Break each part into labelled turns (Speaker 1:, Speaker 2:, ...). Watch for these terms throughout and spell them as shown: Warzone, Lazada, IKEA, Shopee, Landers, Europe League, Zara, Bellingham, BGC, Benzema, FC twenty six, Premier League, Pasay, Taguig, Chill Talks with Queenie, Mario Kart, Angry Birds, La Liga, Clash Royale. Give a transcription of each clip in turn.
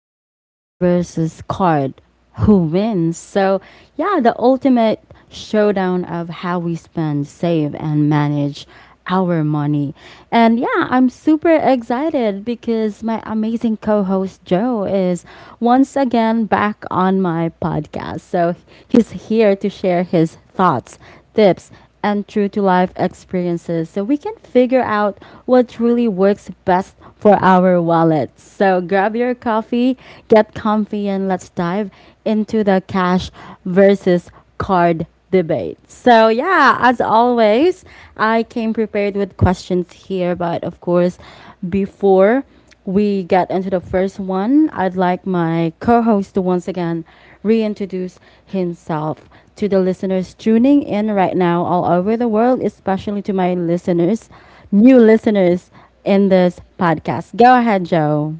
Speaker 1: cash versus card. Who wins? So, yeah, the ultimate showdown of how we spend, save, and manage our money. And yeah, I'm super excited because my amazing co host Joe is once again back on my podcast. So he's here to share his thoughts, tips, and true to life experiences so we can figure out what truly works best for our wallets. So grab your coffee, get comfy, and let's dive into the cash versus card debate. So, yeah, as always, I came prepared with questions here, but of course, before we get into the first one, I'd like my co host to once again reintroduce himself to the listeners tuning in right now all over the world, especially to my listeners, new listeners in this podcast. Go ahead, Joe.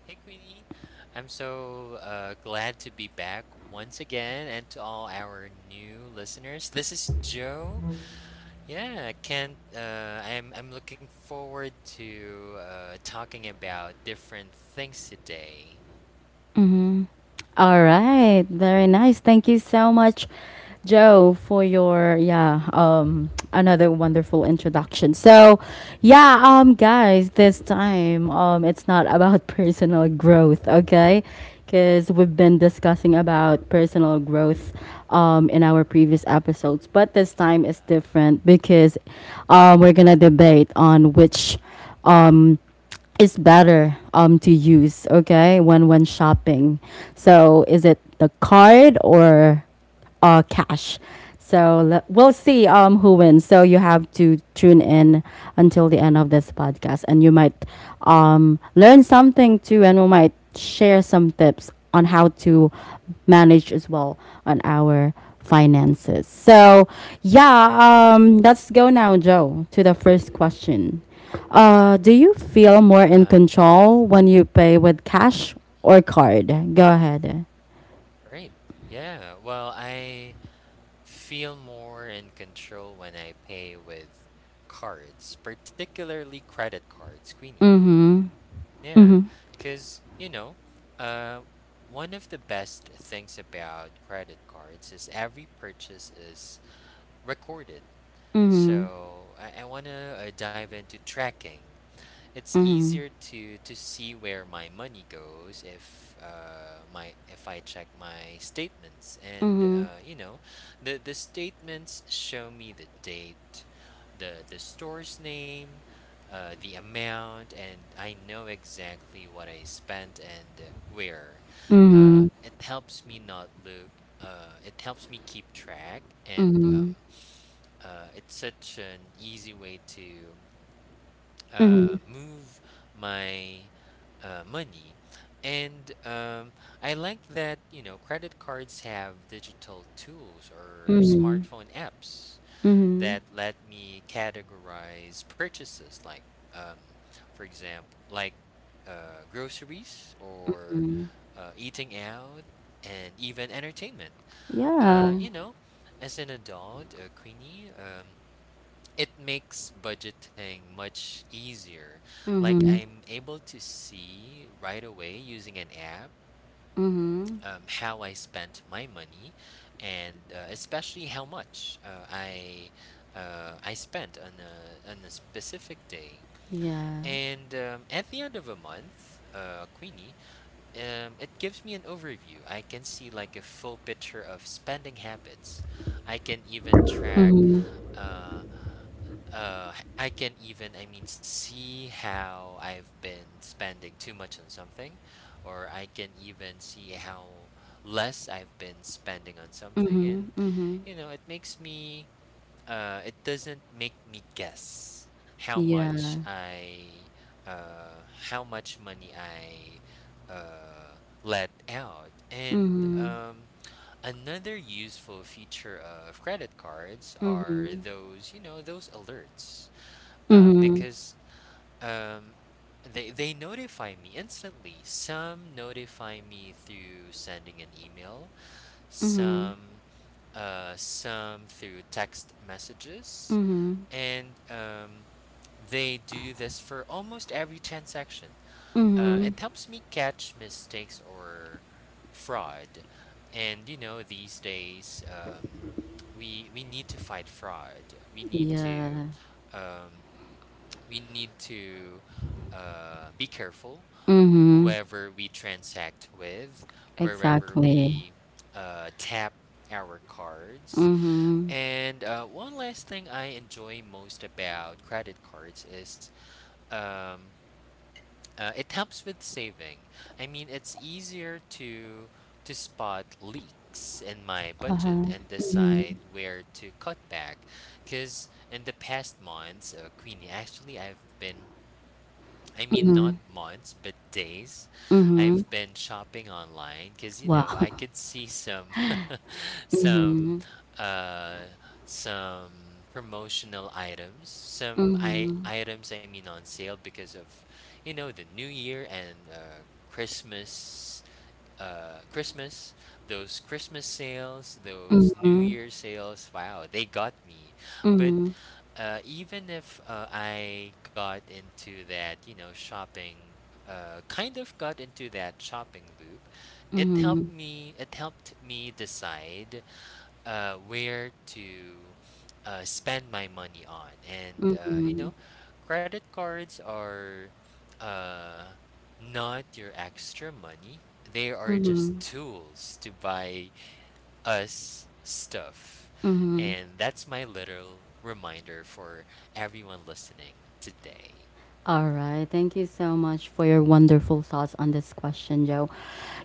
Speaker 2: Hey Queenie, I'm so glad to be back once again, and to all our new listeners, this is Joe. Yeah, I can't. I'm looking forward to talking about different things today.
Speaker 1: Hmm. All right, very nice. Thank you so much, Joe, for your yeah, another wonderful introduction. So, yeah, guys, this time it's not about personal growth, okay? Because we've been discussing about personal growth in our previous episodes, but this time is
Speaker 2: Uh-huh.
Speaker 1: different because we're gonna debate on which um is better to use, okay, when shopping. So is it the card or cash. So we'll see, who wins. So you have to tune in until the end of this podcast, and you might learn something too, and we might share some tips on how to manage as well on our finances. So yeah, let's go now, Joe, to the first question. Do you feel more in
Speaker 2: Uh-huh.
Speaker 1: control when you pay with cash or card? Go ahead.
Speaker 2: Right. Yeah. Well, I feel more in control when I pay with cards, particularly credit cards, Queenie. Yeah, because you know, uh, one of the best things about credit cards is every purchase is recorded.
Speaker 1: Mm-hmm.
Speaker 2: So I want to dive into tracking. It's
Speaker 1: Mm-hmm.
Speaker 2: easier to see where my money goes if my if I check my statements, and
Speaker 1: Mm-hmm.
Speaker 2: the statements show me the date, the store's name, the amount, and I know exactly what I spent, and where.
Speaker 1: Mhm.
Speaker 2: It helps me not look. It helps me keep track, and it's such an easy way to Mhm.
Speaker 1: Mhm.
Speaker 2: move my money. And I like that, credit cards have digital tools or
Speaker 1: Mhm.
Speaker 2: smartphone apps
Speaker 1: Mhm.
Speaker 2: that let me categorize purchases, like, um, for example, like groceries or eating out and even entertainment.
Speaker 1: Yeah.
Speaker 2: Uh, you know, as an adult, Queenie, it makes budgeting much easier. Like,
Speaker 1: Mhm.
Speaker 2: I'm able to see right away using an app how I spent my money, and especially how much I spent on a specific day.
Speaker 1: Yeah.
Speaker 2: And at the end of a month, Queenie, it gives me an overview. I can see like a full picture of spending habits. I can even track.
Speaker 1: Mhm.
Speaker 2: Uh, I can even, I mean, see how I've been spending too much on something, or I can even see how less I've been spending on something.
Speaker 1: Mhm.
Speaker 2: And
Speaker 1: Mhm.
Speaker 2: it makes me — it doesn't make me guess how much
Speaker 1: Yeah.
Speaker 2: I uh how much money I let out. And another useful feature of credit cards are those alerts,
Speaker 1: Mhm.
Speaker 2: because um, they notify me instantly. Some notify me through sending an email, some some through text messages, and they do this for almost every transaction. It helps me catch mistakes or fraud. And these days, we need to fight fraud.
Speaker 1: Yeah.
Speaker 2: Um, we need to be careful
Speaker 1: Mm.
Speaker 2: whoever we transact with, wherever
Speaker 1: Exactly.
Speaker 2: we tap our cards. And one last thing I enjoy most about credit cards is um, it helps with saving. I mean, it's easier to spot leaks in my budget and decide where to cut back. Because in the past months, Queenie, actually, I've been — I mean, not months, but days — I've been shopping online because,
Speaker 1: Wow.
Speaker 2: I could see some some uh some promotional items, some I items, I mean, on sale because of, the new year and Christmas, those Christmas sales, those New Year's sales. Wow, they got me. But even if I got into that, you know, shopping, kind of got into that shopping loop, it helped me. It helped me decide where to spend my money on. And, credit cards are uh, not your extra money, they are just tools to buy us stuff. And that's my little reminder for everyone listening today.
Speaker 1: All right. Thank you so much for your wonderful thoughts on this question, Joe.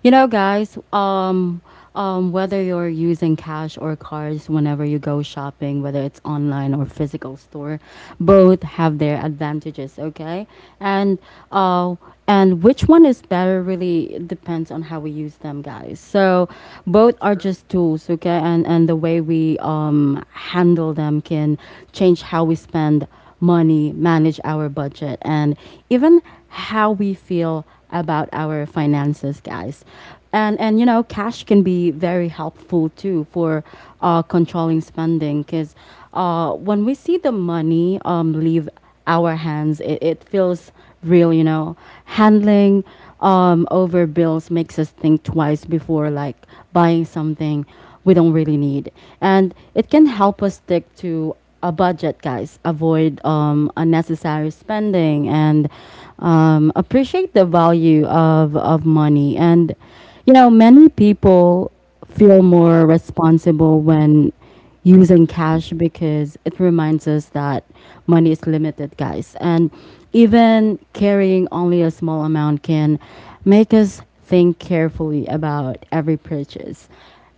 Speaker 1: You know, guys, whether you're using cash or cards whenever you go shopping, whether it's online or physical store, both have their advantages, okay? And uh, and which one is better really depends on how we use them, guys. So both are
Speaker 2: Sure,
Speaker 1: just tools, okay? And the way we handle them can change how we spend money, manage our budget, and even how we feel about our finances, guys. And you know, cash can be very helpful too for controlling spending because when we see the money leave our hands. It feels real, you know. Handling over bills makes us think twice before like buying something we don't really need. And it can help us stick to a budget, guys. Avoid unnecessary
Speaker 2: right.
Speaker 1: spending and appreciate the value of money. And, you know, many people feel more responsible when using cash because it reminds us that money is limited, guys. And even carrying only a small amount can make us think carefully about every purchase.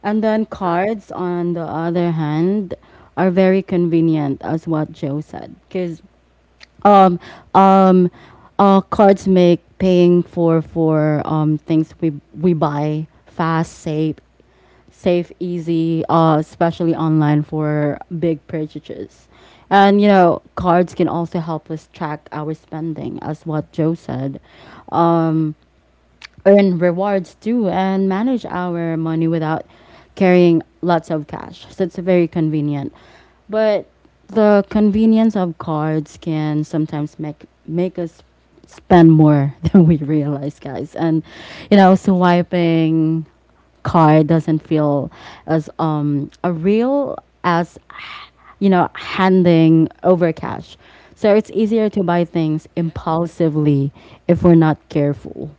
Speaker 1: And then
Speaker 2: Sure.
Speaker 1: cards, on the other hand, are very convenient, as what Joe said, because um um cards make paying for things we buy fast, safe, easy, especially online for big purchases. And you know, cards can also help us track our spending, as what Joe said,
Speaker 2: Yeah.
Speaker 1: earn rewards too, and manage our money without carrying lots of cash. So it's very convenient. But the convenience of cards can sometimes make us spend more than we realize, guys. And you know,
Speaker 2: Oh,
Speaker 1: swiping car doesn't feel as a real as you know handing over cash. So it's easier to buy things
Speaker 2: yeah.
Speaker 1: impulsively if we're not careful.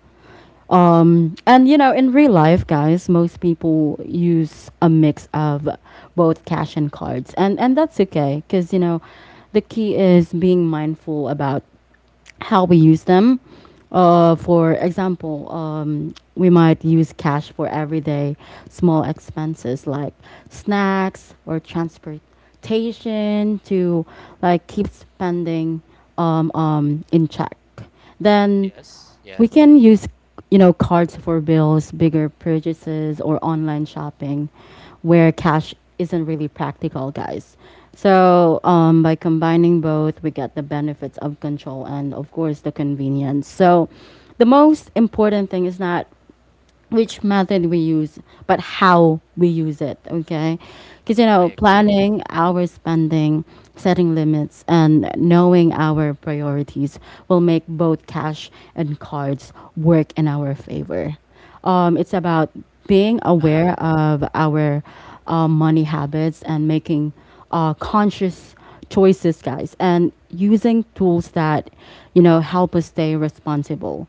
Speaker 1: And you know, in real life, guys, most people use a mix of both cash and cards, and that's okay because you know, the key is being mindful about how we use them. For example, we might use cash for everyday small expenses like snacks or transportation to like keep spending in check. Then
Speaker 2: Yes. Yeah.
Speaker 1: we can use, you know, cards for bills, bigger purchases, or online shopping where cash isn't really practical, guys. So, by combining both, we get the benefits of control and, of course, the convenience. So, the most important thing is not which method we use, but how we use it, okay? Because, you
Speaker 2: I
Speaker 1: know,
Speaker 2: agree.
Speaker 1: planning our spending, setting limits, and knowing our priorities will make both cash and cards work in our favor. It's about being
Speaker 2: Uh
Speaker 1: aware
Speaker 2: huh.
Speaker 1: of our money habits and making conscious choices, guys, and using tools that, you know, help us stay responsible.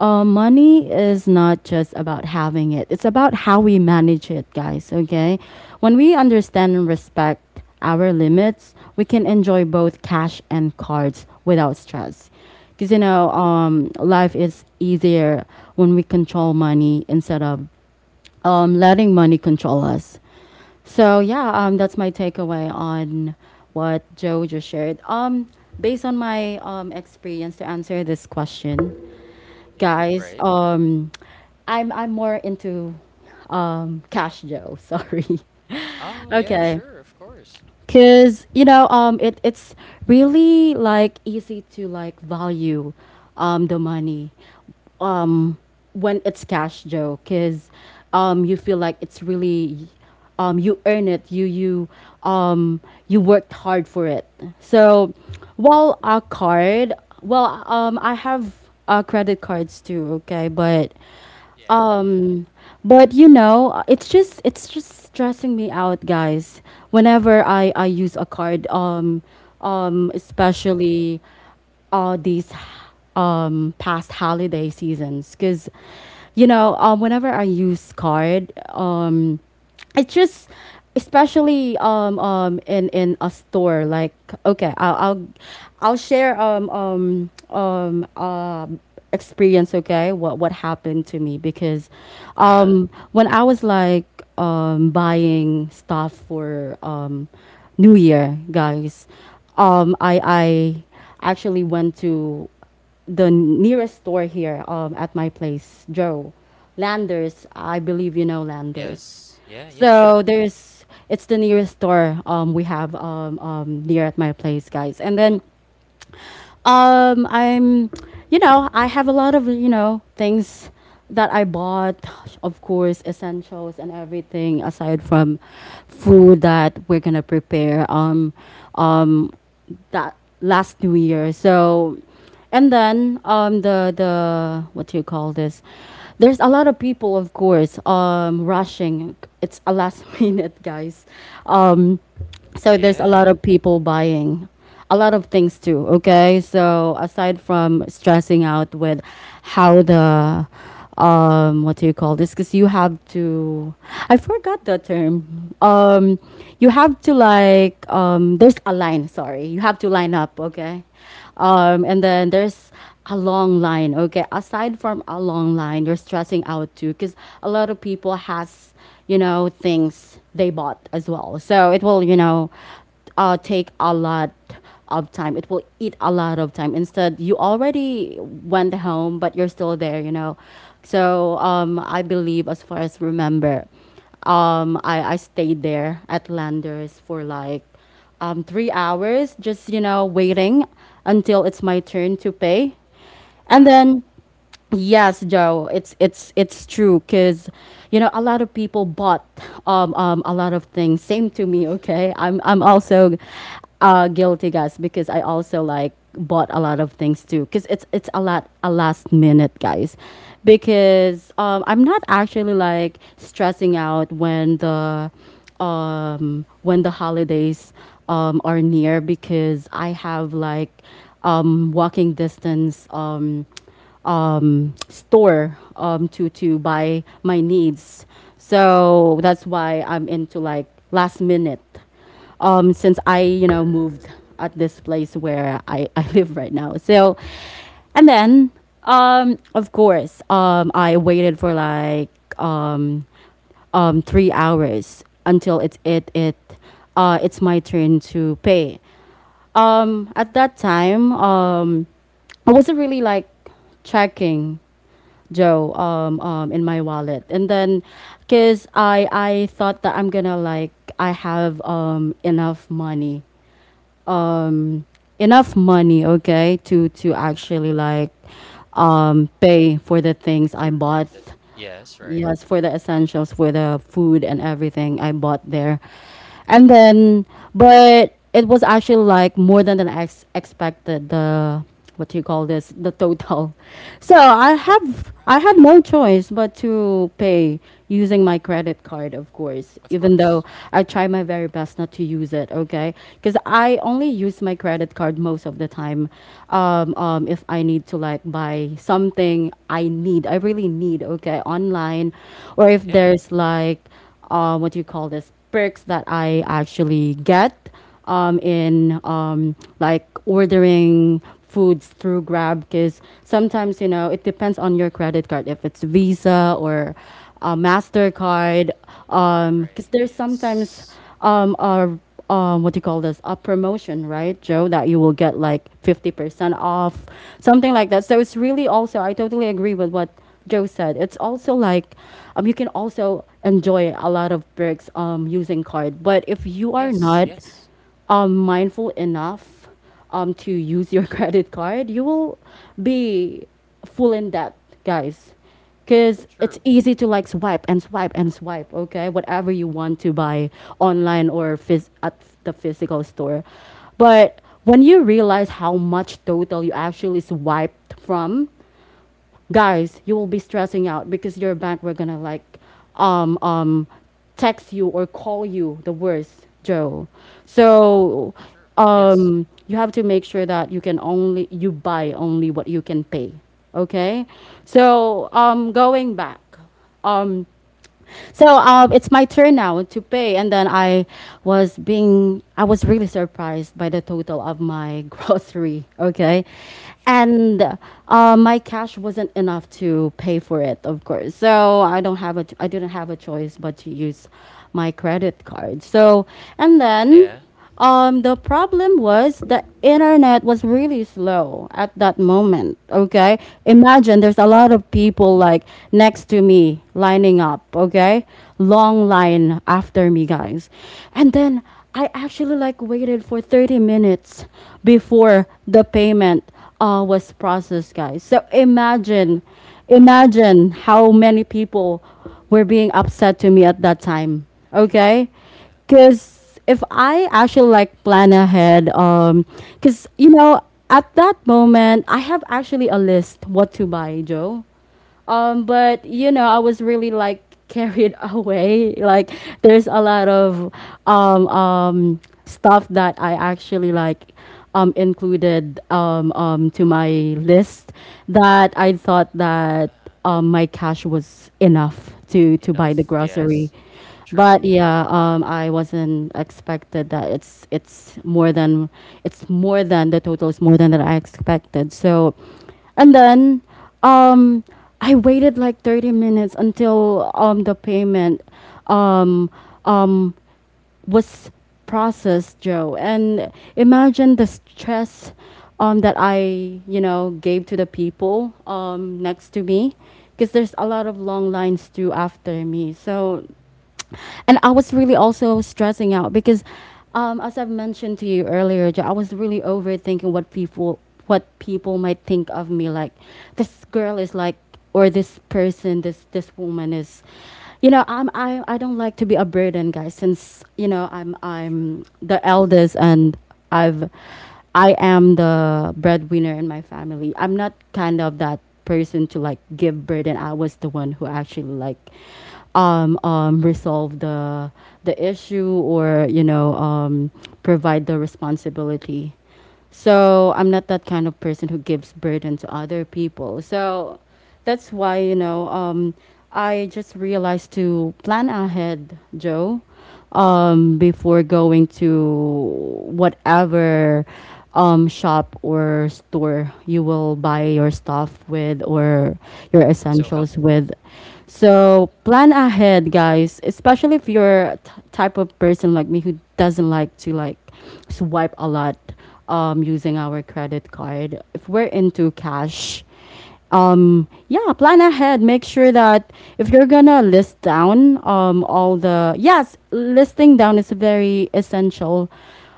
Speaker 1: Money is not just about having it, it's about how we manage it, guys, okay? When we understand and respect our limits, we can enjoy both cash and cards without stress. Because, you
Speaker 2: True.
Speaker 1: know, life is easier when we control money instead of letting money control us. So yeah, that's my takeaway on what Joe just shared. Based on my experience to answer this question,
Speaker 2: Yeah.
Speaker 1: guys,
Speaker 2: Right.
Speaker 1: I'm more into cash, Joe. Sorry.
Speaker 2: Oh, yeah,
Speaker 1: Okay,
Speaker 2: sure. Of course.
Speaker 1: cause you know, it's really like easy to like value, the money, um, when it's cash, Joe. Cause, you feel like it's really, you earn it. You, um, you worked hard for it. So, while a card, well, I have credit cards too. Okay,
Speaker 2: Yeah, yeah,
Speaker 1: um, but
Speaker 2: right.
Speaker 1: you know, it's just stressing me out, guys. Whenever I use a card,
Speaker 2: Uh-huh.
Speaker 1: especially these past holiday seasons, because you know, whenever I use card, it's just especially in a store like okay I'll share experience okay what happened to me because
Speaker 2: Uh-huh.
Speaker 1: when I was like buying stuff for new year, guys, I actually went to the nearest store here at my place, Joe, Landers, I believe. You know Landers?
Speaker 2: Yes. Yeah, yeah,
Speaker 1: So
Speaker 2: sure.
Speaker 1: there's it's the nearest store we have near at my place, guys. And then I'm you know, I have a lot of, you know, things that I bought, of course, essentials and everything aside from food that we're going to prepare. Um that last New Year. So, and then the what do you call this? There's a lot of people, of course, rushing. It's a last minute, guys. Um, so there's a lot
Speaker 2: Yeah.
Speaker 1: of people buying a lot of things too. Okay, so aside from stressing out with how the what do you call this? Because you have to, I forgot the term. You have to like, there's a line, sorry. You have to line up, okay? And then there's a long line, okay? Aside from a long line, you're stressing out too because a lot of people has, you know, things they bought as well. So it will, you know, take a lot of time. It will eat a lot of time. Instead, you already went home, but you're still there, you know. So I believe, as far as remember, I stayed there at Landers for like 3 hours, just, you know, waiting until it's my turn to pay. And then
Speaker 2: Wow.
Speaker 1: Yes, Joe. It's true because you know a lot of people bought a lot of things. Same to me, okay? I'm also guilty, guys, because I also like bought a lot of things too because it's a lot a last minute, guys, because I'm not actually like stressing out when the holidays are near because I have like walking distance. Store to buy my needs. So that's why I'm into like last minute. Since I you know moved at this place where I, I live right now. So and then of course I waited for like um, 3 hours until it's my turn to pay. At that time, I wasn't really like checking, Joe, in my wallet, and then because I thought that I'm gonna like I have um, enough money, okay, to actually like pay for the things
Speaker 2: Paper.
Speaker 1: I bought.
Speaker 2: Yes, right.
Speaker 1: Yes, for the essentials, for the food and everything I bought there. And then, but it was actually like more than I ex- expected the, what do you call this, the total. So
Speaker 2: All
Speaker 1: I had
Speaker 2: right.
Speaker 1: no choice but to pay using my credit card, of course,
Speaker 2: Of
Speaker 1: even
Speaker 2: course.
Speaker 1: though I try my very best not to use it, okay? Because I only use my credit card most of the time if I need to like buy something I need, I really need, okay, online, or if
Speaker 2: Yeah.
Speaker 1: there's like, what do you call this, perks that I actually get in like ordering foods through Grab, because sometimes you know it depends on your credit card if it's Visa or Mastercard, because
Speaker 2: Right.
Speaker 1: there's sometimes
Speaker 2: Yes.
Speaker 1: a what do you call this? A promotion, right, Joe? That you will get like 50% off, something like that. So it's really also I totally agree with what Joe said. It's also like you can also enjoy a lot of perks using card, but if you are
Speaker 2: Yes,
Speaker 1: not
Speaker 2: yes.
Speaker 1: mindful enough to use your credit card, you will be full in debt, guys. Because it's
Speaker 2: Sure.
Speaker 1: easy to like swipe and swipe and swipe, okay? Whatever you want to buy online or at the physical store. But when you realize how much total you actually swiped from, guys, you will be stressing out because your bank were gonna like um um text you or call you the worst, Joe. So
Speaker 2: Sure. Yes.
Speaker 1: you have to make sure that you buy only what you can pay. Okay? So going back. Um it's my turn now to pay, and then I was really surprised by the total of my grocery. Okay,
Speaker 2: Sure.
Speaker 1: and my cash wasn't enough to pay for it, of course. So I didn't have a choice but to use my credit card. So and then.
Speaker 2: Yeah.
Speaker 1: The problem was the internet was really slow at that moment. Okay, imagine there's a lot of people like next to me lining up. Okay, long line after me, guys, and then I actually like waited for 30 minutes before the payment was processed, guys. So
Speaker 2: Uh-huh.
Speaker 1: imagine, imagine how many people were being upset to me at that time. Okay,
Speaker 2: Sure. Yeah.
Speaker 1: because if I actually like plan ahead, because you know, at that moment, I have actually a list what to buy, Joe. But you know,
Speaker 2: Yeah.
Speaker 1: I was really like carried away. Like there's a lot of stuff that I actually like included to my list, that I thought that my cash was enough to buy
Speaker 2: Enough.
Speaker 1: the
Speaker 2: Yes.
Speaker 1: grocery. But
Speaker 2: True.
Speaker 1: yeah, I wasn't expected that it's more than the total is more than that I expected. So, and then um, I waited like 30 minutes until the payment um, um, was processed, Joe. And imagine the stress that I you know gave to the people next to me, because there's a lot of long lines too after me. So, and I was really also stressing out because, as I've mentioned to you earlier, Jo, I was really overthinking what people might think of me. Like, this girl is like, or this person, this woman is, you know, I don't like to be a burden, guys. Since you know I'm
Speaker 2: Sure.
Speaker 1: the
Speaker 2: Yes.
Speaker 1: eldest, and I've I am the breadwinner in my family. I'm not kind of that person to like give burden. I was the one who actually like resolve the issue, or you know provide the responsibility. So I'm not that kind of person who gives burden to other people. So that's why, you know, I just realized to plan ahead, Joe, before going to whatever shop or store you will buy your stuff with, or your
Speaker 2: That's so
Speaker 1: essentials with.
Speaker 2: helpful.
Speaker 1: So plan ahead, guys, especially if you're a type of person like me who doesn't like to like swipe a lot using our credit card. If we're into cash, yeah, plan ahead. Make sure that if you're gonna list down all the yes, listing down is very essential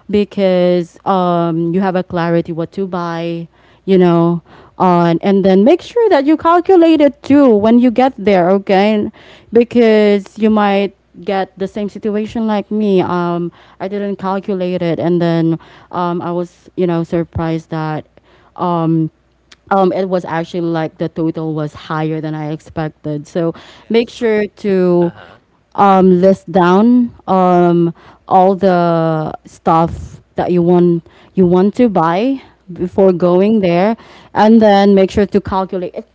Speaker 1: because you have a clarity what to buy, you know, on and then make sure that you calculate it too when you get there, okay. And because you might get the same situation like me. I didn't calculate it, and then I was, you know, surprised that um it was actually like the total was higher than I expected. So
Speaker 2: Yes,
Speaker 1: make
Speaker 2: right.
Speaker 1: sure to
Speaker 2: Uh-huh.
Speaker 1: list down all the stuff that you want to buy before
Speaker 2: Uh-huh.
Speaker 1: going there, and then make sure to calculate it.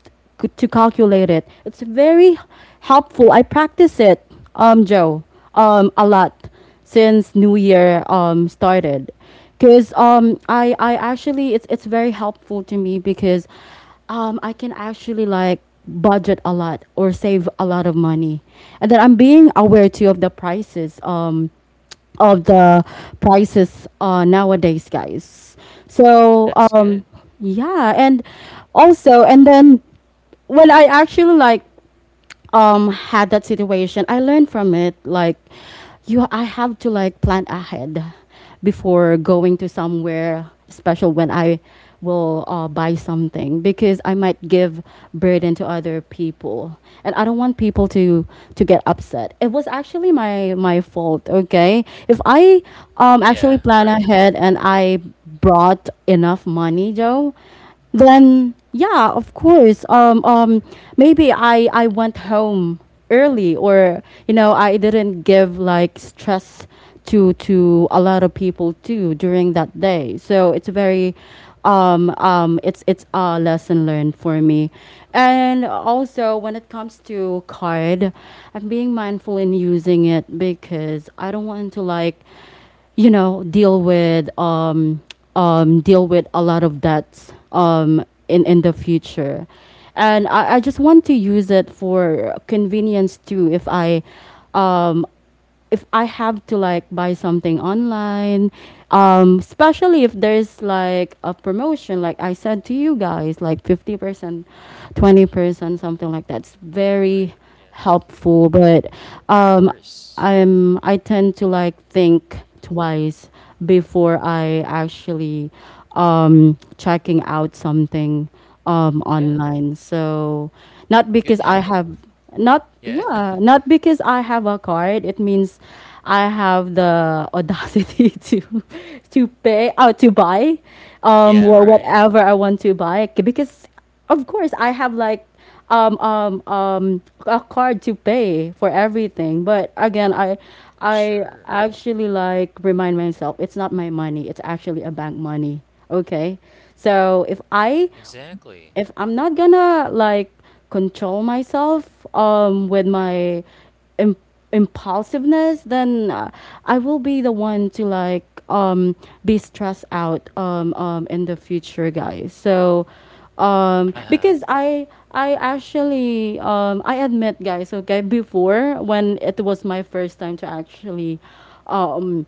Speaker 1: To calculate it, it's very helpful. I practice it, Joe, a lot since New Year started, because I actually it's very helpful to me because I can actually like budget a lot or save a lot of money, and then I'm being aware too of the prices nowadays, guys.
Speaker 2: Oh,
Speaker 1: so
Speaker 2: that's
Speaker 1: um
Speaker 2: good.
Speaker 1: yeah, and also, and then when I actually like had that situation, I learned from it. Like, you I have to like plan ahead before going to somewhere special, when I will buy something, because I might give burden to other people, and I don't want people to get upset. It was actually my fault, okay, if I actually
Speaker 2: Yeah,
Speaker 1: plan
Speaker 2: right.
Speaker 1: ahead and I brought enough money, Joe, then yeah, of course. Maybe I went home early, or you know, I didn't give like stress to a lot of people too during that day. So it's very, it's a lesson learned for me, and also when it comes to card, I'm being mindful in using it because I don't want to like, you know, deal with a lot of debts in the future, and I just want to use it for convenience too. Um, if I have to like buy something online, especially if there's like a promotion, like I said to you guys, like 50%, 20%, something like that's very
Speaker 2: Right. Yes.
Speaker 1: helpful. But
Speaker 2: Of
Speaker 1: um,
Speaker 2: course.
Speaker 1: I'm I tend to like think twice before I actually checking out something
Speaker 2: Yeah,
Speaker 1: online. So not because
Speaker 2: good
Speaker 1: I
Speaker 2: habit.
Speaker 1: have
Speaker 2: Yeah.
Speaker 1: not because I have a card. It means I have the audacity to pay or to buy
Speaker 2: Yeah, right.
Speaker 1: whatever I want to buy, because of course I have like a card to pay for everything. But again, I
Speaker 2: Sure.
Speaker 1: actually like remind myself it's not my money, it's actually a bank money, okay? So if I,
Speaker 2: Exactly.
Speaker 1: if I'm not gonna like control myself with my im- impulsiveness, then I will be the one to like be stressed out in the future, guys. So
Speaker 2: Uh-huh.
Speaker 1: because I actually I admit, guys, okay, before when it was my first time to actually um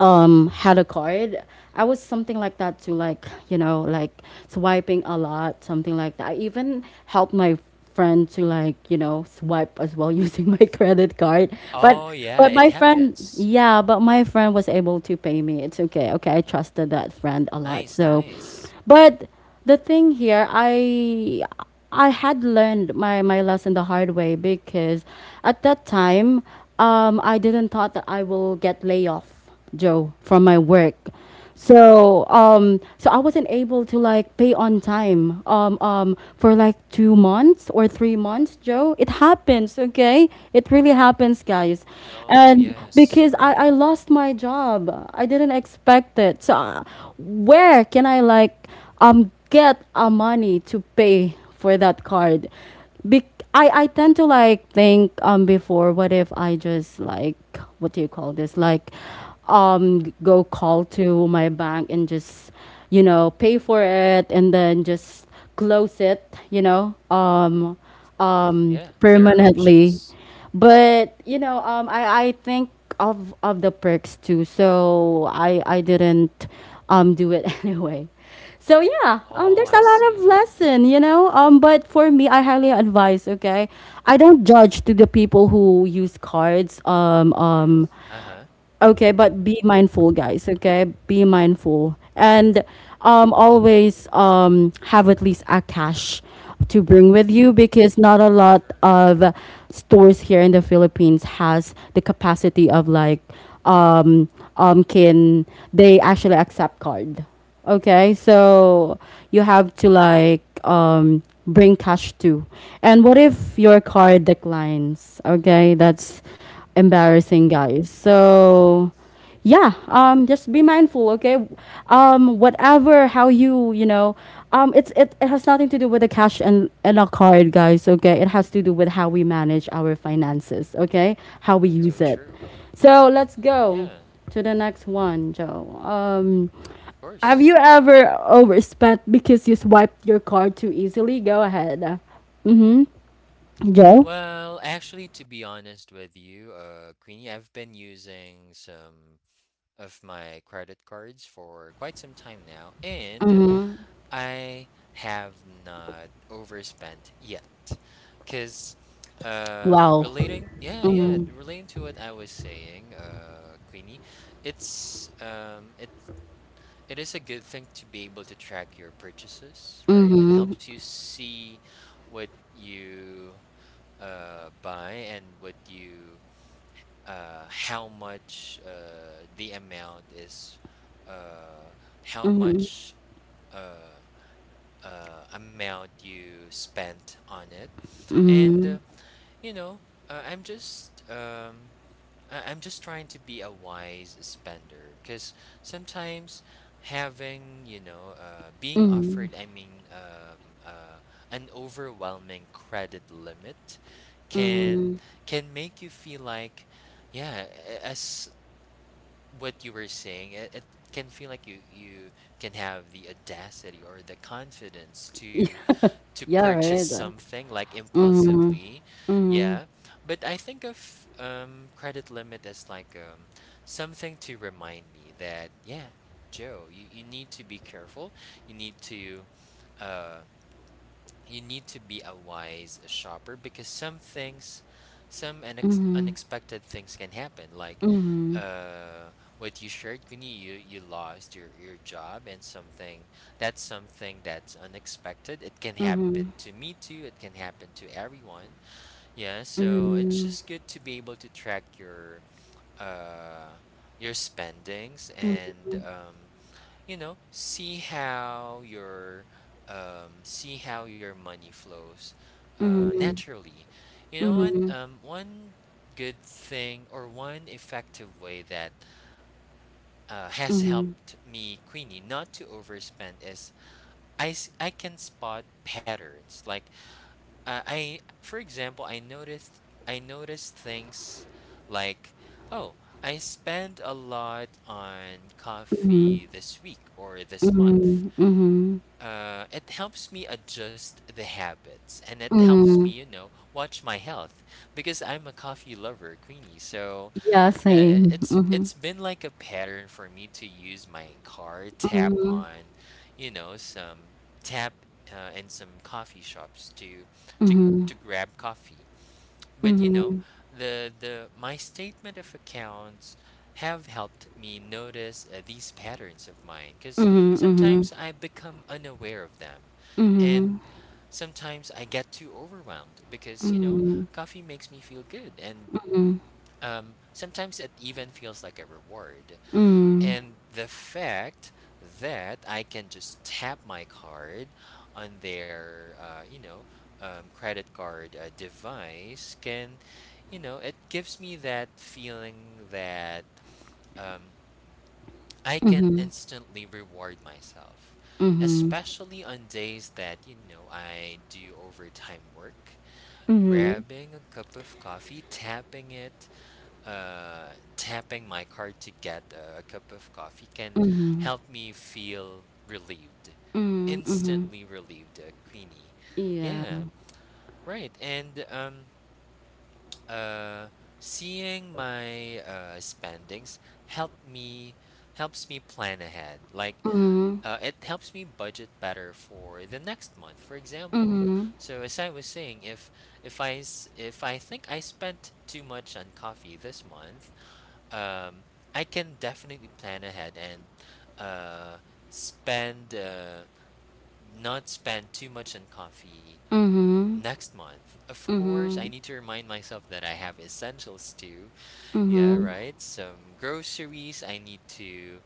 Speaker 1: had a card, I was something like that too, like you know, like swiping a lot, something like that. I even helped my friend to like you know swipe as well using
Speaker 2: Buy
Speaker 1: my
Speaker 2: something.
Speaker 1: credit card. but
Speaker 2: Oh, yeah,
Speaker 1: but
Speaker 2: it
Speaker 1: my friend
Speaker 2: happens.
Speaker 1: yeah but my friend was able to pay me, it's okay, okay, I trusted that friend a lot.
Speaker 2: Nice,
Speaker 1: So
Speaker 2: nice.
Speaker 1: but the thing here, I had learned my lesson the hard way because at that time, I didn't thought that I will get layoff off, Joe, from my work. So I wasn't able to like pay on time for like 2 months or 3 months, Joe. It happens, okay? It really happens, guys.
Speaker 2: Oh, no,
Speaker 1: And
Speaker 2: yes,
Speaker 1: because I
Speaker 2: right.
Speaker 1: I lost my job. I didn't expect it. So where can I like get a money to pay for that card. Be- I tend to like think before, what if I just like, what do you call this, like go call to my bank and just, you know, pay for it, and then just close it, you know,
Speaker 2: Of course. Yeah, there are
Speaker 1: permanently.
Speaker 2: options.
Speaker 1: But you know, I think of the perks too, so I didn't do it anyway. So yeah,
Speaker 2: Oh,
Speaker 1: there's a
Speaker 2: I
Speaker 1: lot of
Speaker 2: see.
Speaker 1: lesson, you know, but for me, I highly advise, okay, I don't judge to the people who use cards
Speaker 2: Uh-huh.
Speaker 1: okay, but be mindful, guys. Okay, be mindful, and always have at least a cash to bring with you, because not a lot of stores here in the Philippines has the capacity of like um, can they actually accept card? Okay, so you have to like bring cash too. And what if
Speaker 2: Yeah.
Speaker 1: your card declines? Okay, that's embarrassing, guys.
Speaker 2: Yes,
Speaker 1: So
Speaker 2: yes.
Speaker 1: yeah,
Speaker 2: Yeah,
Speaker 1: just be mindful, okay? Whatever how you, you know, it has nothing to do with the cash and a card, guys, okay? It has to do with how we manage our finances, okay? How we
Speaker 2: that's so
Speaker 1: use it.
Speaker 2: true.
Speaker 1: So, let's go
Speaker 2: Yeah, of
Speaker 1: to the next one, Joe. Have
Speaker 2: course.
Speaker 1: you ever overspent because you swiped your card too easily? Go ahead. Mm-hmm. Joe?
Speaker 2: Well, actually, to be honest with you, Queenie, I've been using some of my credit cards for quite some time now, and I have not overspent yet. Because
Speaker 1: Wow.
Speaker 2: relating — yeah, yeah —
Speaker 1: Mm,
Speaker 2: relating to what I was saying, Queenie, it's um it it is a good thing to be able to track your purchases, right? It helps you see what you buy, and what you — how much — the amount is — uh how much uh amount you spent on it. And
Speaker 1: mm,
Speaker 2: you know uh, i'm just um, I'm just trying to be a wise spender, because sometimes having being offered,
Speaker 1: mm,
Speaker 2: I mean, an overwhelming credit limit can
Speaker 1: mm.
Speaker 2: can make you feel like, yeah, as what you were saying, it can feel like you can have the audacity or the confidence to
Speaker 1: Yeah, yeah,
Speaker 2: purchase
Speaker 1: right.
Speaker 2: something like impulsive.
Speaker 1: Mm, mm,
Speaker 2: Yeah. But I think of credit limit as like something to remind me that, yeah, Joe, you need to be careful. You need to uh you need to be a wise shopper, because some unexpected things can happen, like
Speaker 1: mm,
Speaker 2: uh what you shared, Queenie. You lost your job, and something that's unexpected. It can
Speaker 1: mm,
Speaker 2: happen
Speaker 1: mm,
Speaker 2: to me too, it can happen to everyone. Yeah. So it's
Speaker 1: mm,
Speaker 2: just good to be able to track uh your spendings, and see how your — money flows naturally. You know what,
Speaker 1: mm,
Speaker 2: one good thing, or one effective way that has helped me, Queenie, not to overspend, is I can spot patterns. Like, I, for example, I noticed things like, oh, I spend a lot on coffee this week or this month.
Speaker 1: mm, mm,
Speaker 2: It helps me adjust the habits, and it helps
Speaker 1: mm.
Speaker 2: me, watch my health, because I'm a coffee lover, Queenie. So
Speaker 1: Yeah,
Speaker 2: yeah, I
Speaker 1: same. Mm-hmm.
Speaker 2: it's been like a pattern for me to use my car, tap on, you know, some tap, in some coffee shops to to
Speaker 1: Mm-hmm.
Speaker 2: to grab coffee. But,
Speaker 1: Mm-hmm.
Speaker 2: the my statement of accounts have helped me notice, these patterns of mine, because
Speaker 1: Mm-hmm. Mm-hmm.
Speaker 2: sometimes I become unaware of them, and
Speaker 1: Mm-hmm.
Speaker 2: sometimes I get too overwhelmed because, you
Speaker 1: Mm-hmm.
Speaker 2: know,
Speaker 1: Mm-hmm.
Speaker 2: coffee makes me feel good, and sometimes it even feels like a reward.
Speaker 1: Mm-hmm.
Speaker 2: And the fact that I can just tap my card on their, credit card device can, it gives me that feeling that, um, I can instantly reward myself,
Speaker 1: Mm-hmm.
Speaker 2: especially on days that, I do overtime work.
Speaker 1: Mm-hmm.
Speaker 2: Grabbing a cup of coffee, tapping it, tapping my card to get a cup of coffee, can help me feel relieved,
Speaker 1: Mm-hmm.
Speaker 2: instantly relieved, Queenie.
Speaker 1: Yeah.
Speaker 2: Yeah, right. And uh, seeing my spendings help me helps me plan ahead. Like,
Speaker 1: Mhm.
Speaker 2: it helps me budget better for the next month, for example.
Speaker 1: Mhm.
Speaker 2: So as I was saying, if I think I spent too much on coffee this month, um, I can definitely plan ahead, and uh, spend not spend too much on coffee
Speaker 1: Mhm.
Speaker 2: next month. Of course, I
Speaker 1: Mhm.
Speaker 2: need to remind myself that I have essentials too. Yeah,
Speaker 1: Mhm.
Speaker 2: right. Some groceries I need to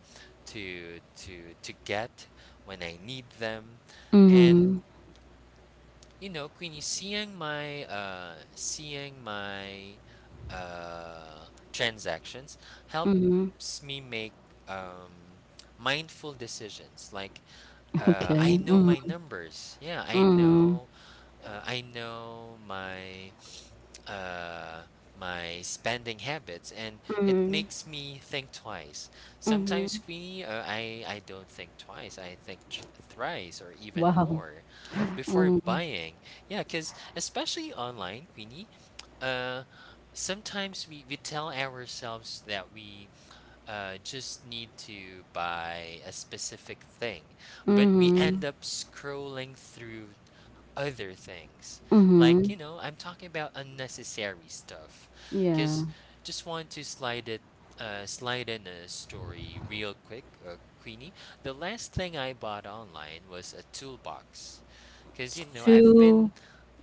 Speaker 2: to to to get when I need them, and
Speaker 1: Mhm.
Speaker 2: Queenie, seeing my transactions helps
Speaker 1: Mhm.
Speaker 2: me make um mindful decisions. Like,
Speaker 1: Okay.
Speaker 2: I know my
Speaker 1: Mhm.
Speaker 2: numbers. Yeah, I
Speaker 1: Mhm.
Speaker 2: know uh, I know my uh my spending habits, and it
Speaker 1: Mhm.
Speaker 2: makes me think twice. Sometimes,
Speaker 1: Mhm.
Speaker 2: Queenie, I don't think twice. I think thrice or even
Speaker 1: Wow.
Speaker 2: more before buying. Yeah, because especially online, Queenie, uh, sometimes we tell ourselves that we just need to buy a specific thing, but we
Speaker 1: Mhm.
Speaker 2: end up scrolling through other things. Like, I'm talking about unnecessary stuff
Speaker 1: Yeah.
Speaker 2: because just want to slide it. Slide in a story real quick, Queenie. The last thing I bought online was a toolbox because I've been —
Speaker 1: Two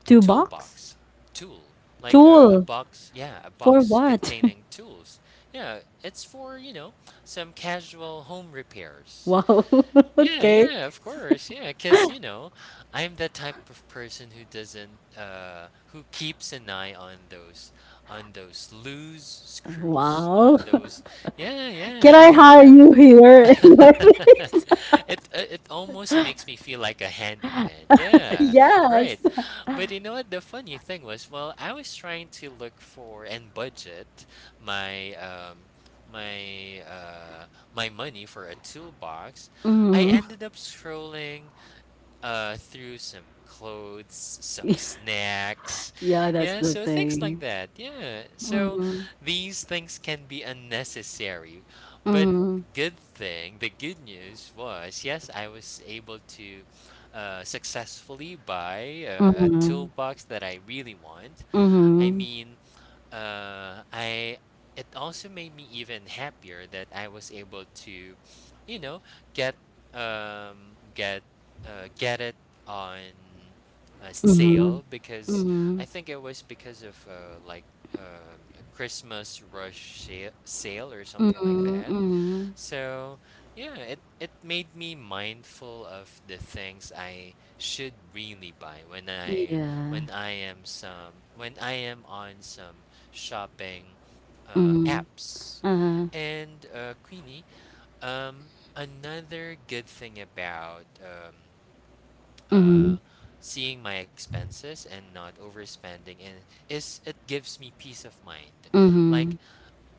Speaker 1: two box?
Speaker 2: Toolbox. Tool, like a
Speaker 1: Tool.
Speaker 2: box, yeah, a
Speaker 1: For
Speaker 2: box
Speaker 1: what?
Speaker 2: containing tools. Yeah, it's for, some casual home repairs.
Speaker 1: Wow.
Speaker 2: Yeah,
Speaker 1: Okay.
Speaker 2: yeah, of course. Yeah, because, I'm the type of person who doesn't who keeps an eye on those loose screws,
Speaker 1: Wow.
Speaker 2: on those. Yeah,
Speaker 1: Can
Speaker 2: yeah.
Speaker 1: I
Speaker 2: I'm
Speaker 1: hire you here in my
Speaker 2: it it almost makes me feel like a handyman. Yeah. Right.
Speaker 1: Yes.
Speaker 2: But you know what? The funny thing was, well, I was trying to look for and budget my um my money for a toolbox. I ended up scrolling through some clothes, some snacks.
Speaker 1: Yeah, that's
Speaker 2: Yeah,
Speaker 1: the
Speaker 2: so things like
Speaker 1: thing.
Speaker 2: that. Yeah. So these things can be unnecessary. But good thing, the good news was, yes, I was able to successfully buy a toolbox that I really want. I mean, I it also made me even happier that I was able to, you know, get um get it on a sale because I think it was because of a Christmas rush sale or something like that. So yeah, it made me mindful of the things I should really buy
Speaker 1: Yeah.
Speaker 2: when I am on some shopping apps. And Queenie, another good thing about uh, seeing my expenses and not overspending in, is it gives me peace of mind. Like,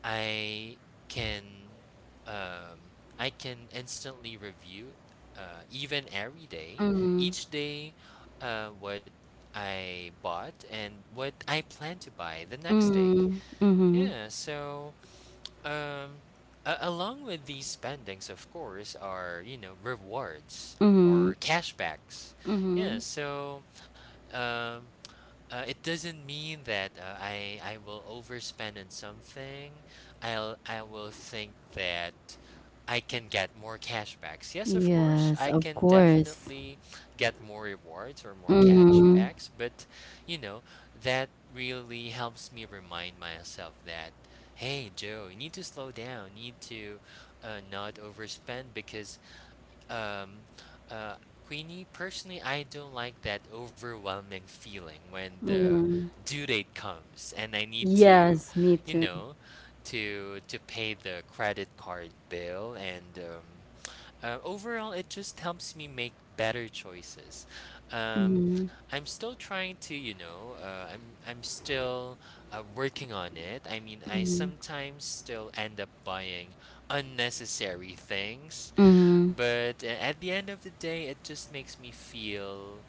Speaker 2: I can I can instantly review even every day, each day what I bought and what I plan to buy the next day.
Speaker 1: Mhm.
Speaker 2: Yeah, so um a along with these spendings of course are, you know, rewards
Speaker 1: Mhm.
Speaker 2: or cashbacks. Yeah, so um it doesn't mean that I will overspend on something. I will think that I can get more cashbacks. Yes, of course,
Speaker 1: Yes,
Speaker 2: I
Speaker 1: of
Speaker 2: can
Speaker 1: course.
Speaker 2: definitely get more rewards or more cashbacks,
Speaker 1: Mm-hmm.
Speaker 2: but you know, that really helps me remind myself that, hey, Joe, you need to slow down, you need to not overspend because um, uh, Queenie, personally, I don't like that overwhelming feeling when the
Speaker 1: Yeah.
Speaker 2: due date comes and I need to,
Speaker 1: Yes, me
Speaker 2: you
Speaker 1: too.
Speaker 2: know, to pay the credit card bill. And overall, it just helps me make better choices. Um, I'm still trying to, you know, I'm still working on it. I mean, I sometimes still end up buying unnecessary things
Speaker 1: Mm-hmm.
Speaker 2: but a at the end of the day, it just makes me feel,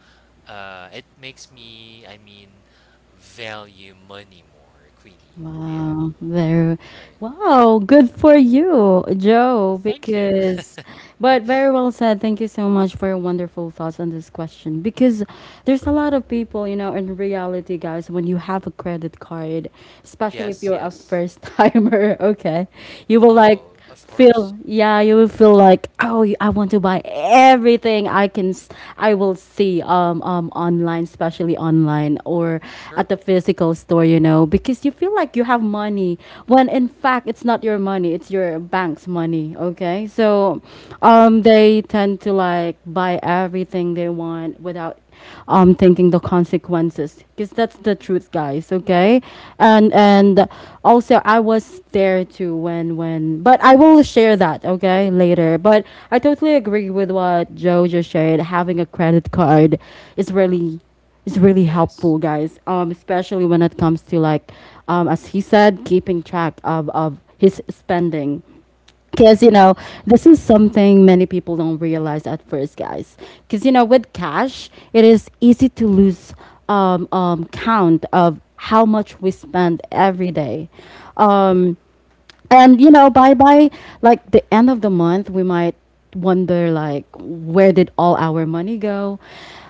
Speaker 2: I mean, value money more, Queenie. Yeah.
Speaker 1: Wow, very wow, good for you, Joe,
Speaker 2: Thank you.
Speaker 1: because but very well said. Thank you so much for your wonderful thoughts on this question. Because there's a lot of people, you know, in reality, guys, when you have a credit card, especially
Speaker 2: Yes,
Speaker 1: if you're a
Speaker 2: yes.
Speaker 1: first timer, okay, you will
Speaker 2: Oh,
Speaker 1: like
Speaker 2: of course.
Speaker 1: feel yeah, you will feel like, oh, I want to buy everything I can, I will see, online, especially online or at
Speaker 2: Sure.
Speaker 1: the physical store, you know, because you feel like you have money when in fact it's not your money, it's your bank's money. Okay, so they tend to like, buy everything they want without thinking the consequences, because that's the truth, guys. Okay. And and also I was there too, when but I will share that okay later, but I totally agree with what Joe just shared. Having a credit card is really,
Speaker 2: Yeah.
Speaker 1: helpful, guys. Especially when it comes to, like, as he said, keeping track of his spending, because, you know, this is something many people don't realize at first, guys. Because, you know, with cash, it is easy to lose count of how much we spend every day.
Speaker 2: True.
Speaker 1: Um, and you know, by like the end of the month we might wonder, like, where did all our money go.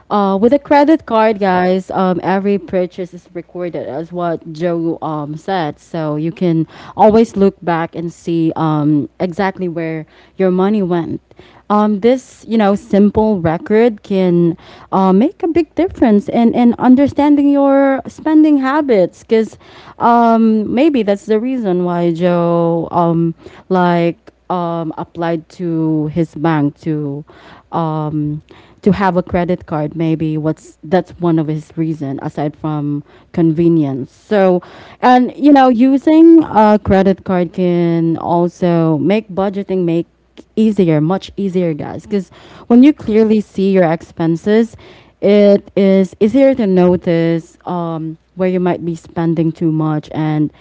Speaker 1: With a credit card, guys, every purchase is recorded, as what Joe said, so you can always look back and see, exactly where your money went. This, you know, simple record can make a big difference in, understanding your spending habits, because maybe that's the reason why Joe, like, applied to his bank to, um, to have a credit card. Maybe what's that's one of his reason aside from convenience. So, and you know,
Speaker 2: Yeah, sure.
Speaker 1: using a credit card can also make budgeting, make easier, much easier, guys, because when you
Speaker 2: Yes.
Speaker 1: clearly see your expenses, it is easier to notice, where you might be spending too much, and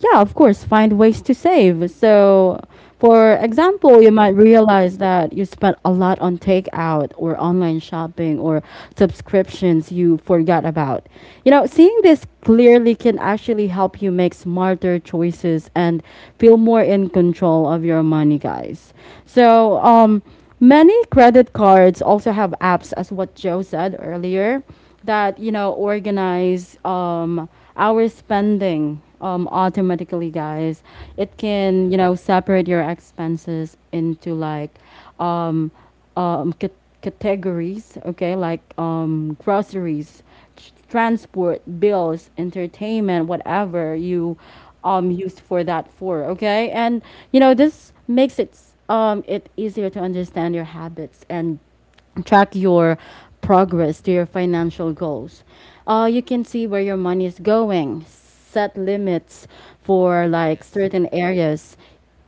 Speaker 1: yeah, of course, find ways to save. So for example, you
Speaker 2: Right.
Speaker 1: might realize that you spent a lot on takeout or online shopping or subscriptions you forgot about. You know, seeing this clearly can actually help you make smarter choices and feel more in control of your money, guys. So, many credit cards also have apps, as what Joe said earlier, that you know organize, our spending, automatically, guys. It can, you
Speaker 2: Yeah,
Speaker 1: know,
Speaker 2: right.
Speaker 1: separate your expenses into, like, um, um, c- categories. Okay, like, groceries, transport, bills, entertainment, whatever you
Speaker 2: Yeah,
Speaker 1: used for that for. Okay. And you know, this makes it easier to understand your habits and track your progress to your financial goals. You can see where your money is going, set limits for, like, certain
Speaker 2: right.
Speaker 1: areas,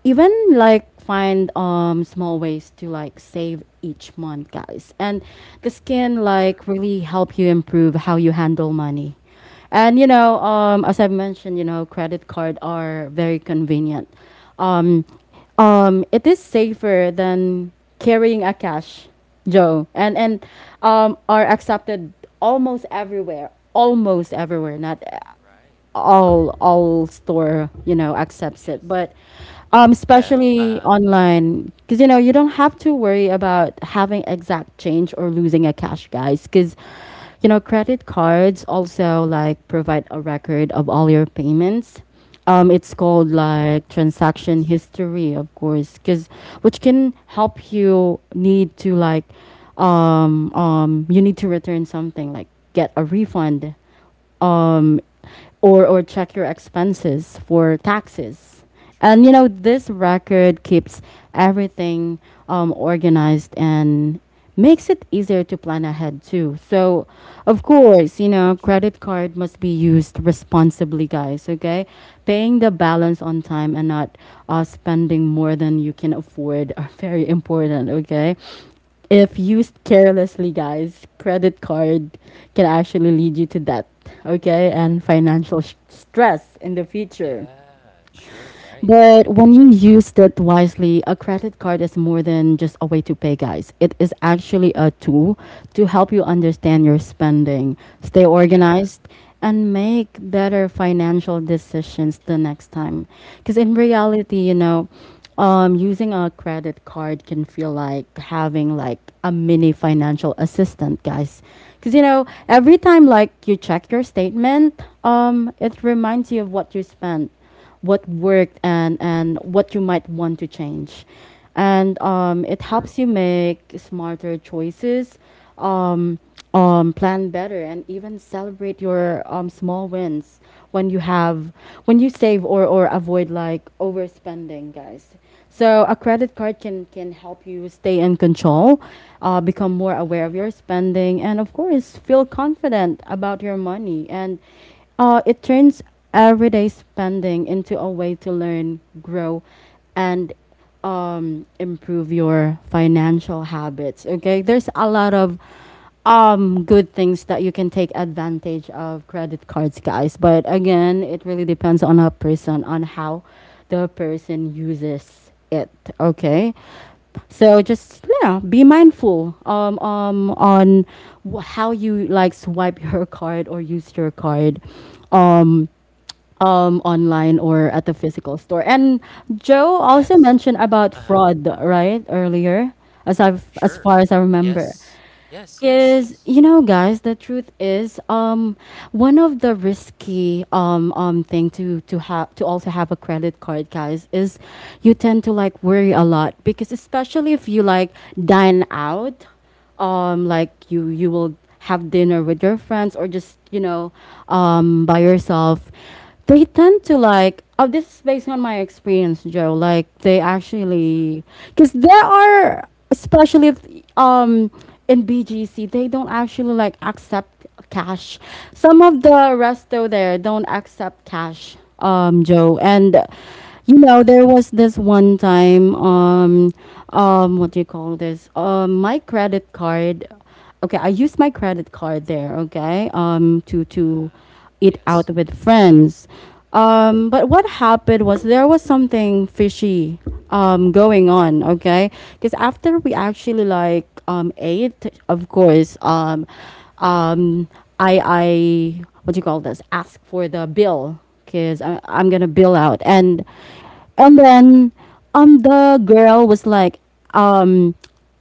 Speaker 1: even, like, find small ways to, like, save each month, guys. And this can, like,
Speaker 2: True.
Speaker 1: really help you improve how you handle money. And you know, as I have mentioned, you know, credit card are very convenient. Um, it is safer than carrying a cash, Joe, and are accepted almost everywhere. Almost everywhere. Not
Speaker 2: Right.
Speaker 1: all store, you know, accepts it,
Speaker 2: Yes.
Speaker 1: but
Speaker 2: Yeah.
Speaker 1: especially
Speaker 2: Uh-huh.
Speaker 1: online, because you know, you don't have to worry about having exact change or losing a cash, guys, because you know, credit cards also, like, provide a record of all your payments. It's called,
Speaker 2: Uh,
Speaker 1: like,
Speaker 2: yes.
Speaker 1: transaction history, of course, because which can help, you need to return something, like, get a refund, um, or check your expenses for taxes. And
Speaker 2: True.
Speaker 1: you know, this record keeps everything, organized, and makes it easier to plan ahead too. So, of course, you know, credit card must be used responsibly, guys, okay? Paying the balance on time and not spending more than you can afford are very important, okay? If used carelessly, guys, credit card can actually lead you to debt, okay, and financial stress in the future.
Speaker 2: Yeah, sure, right.
Speaker 1: But when you use it wisely, a credit card is more than just a way to pay, guys. It is actually a tool to help you understand your spending, stay
Speaker 2: Yeah.
Speaker 1: organized, and make better financial decisions the next time. Because in
Speaker 2: Mhm.
Speaker 1: reality, you know, using a credit card can feel like having, like, a mini financial assistant, guys. Because you know, every time, like, you check your statement, it reminds you of what you spent, what worked, and what you might want to change, and it
Speaker 2: True.
Speaker 1: helps you make smarter choices. Um, Plan better and even celebrate your small wins when you have, when you save, or avoid, like, overspending, guys. So a credit card can help you stay in control, become more aware of your spending, and of course feel confident about your money, and
Speaker 2: Sure.
Speaker 1: it turns everyday spending into a way to learn, grow, and improve your financial habits. Okay, there's a lot of good things that you can take advantage of credit cards, guys. But again, it really depends on a person, on how the person uses it. Okay, so just, yeah, be mindful, on how you, like, swipe your card or use your card. Um, Online or at the physical store. And Joe also
Speaker 2: Yes.
Speaker 1: mentioned about
Speaker 2: Uh-huh.
Speaker 1: fraud, right, earlier, as
Speaker 2: Sure.
Speaker 1: far as I
Speaker 2: Yes.
Speaker 1: remember.
Speaker 2: Yes, yes,
Speaker 1: Because
Speaker 2: yes.
Speaker 1: you know, guys, the truth is, one of the risky thing to also have a credit card, guys, is you tend to, like, worry a lot, because especially if you, like, dine out, like, you will have dinner with your friends or just, you know, by yourself, they tend to like, oh, this is based on my experience, Joe, like, they
Speaker 2: Sure.
Speaker 1: actually, because there are, especially if um in BGC, they don't actually, like, accept cash. Some of the resto there don't accept cash, Joe. And you know, there was this one time, what do you call this, my credit card. Okay, I used my credit card there. Okay, to
Speaker 2: Uh-huh.
Speaker 1: eat
Speaker 2: Yes.
Speaker 1: out with friends. But what happened was, there was something fishy going on. Okay, because after we actually, like, ate, of course, um I, what do you call this, ask for the bill, because I'm gonna bill out.
Speaker 2: Yeah.
Speaker 1: and
Speaker 2: Right.
Speaker 1: and then, the girl was like, um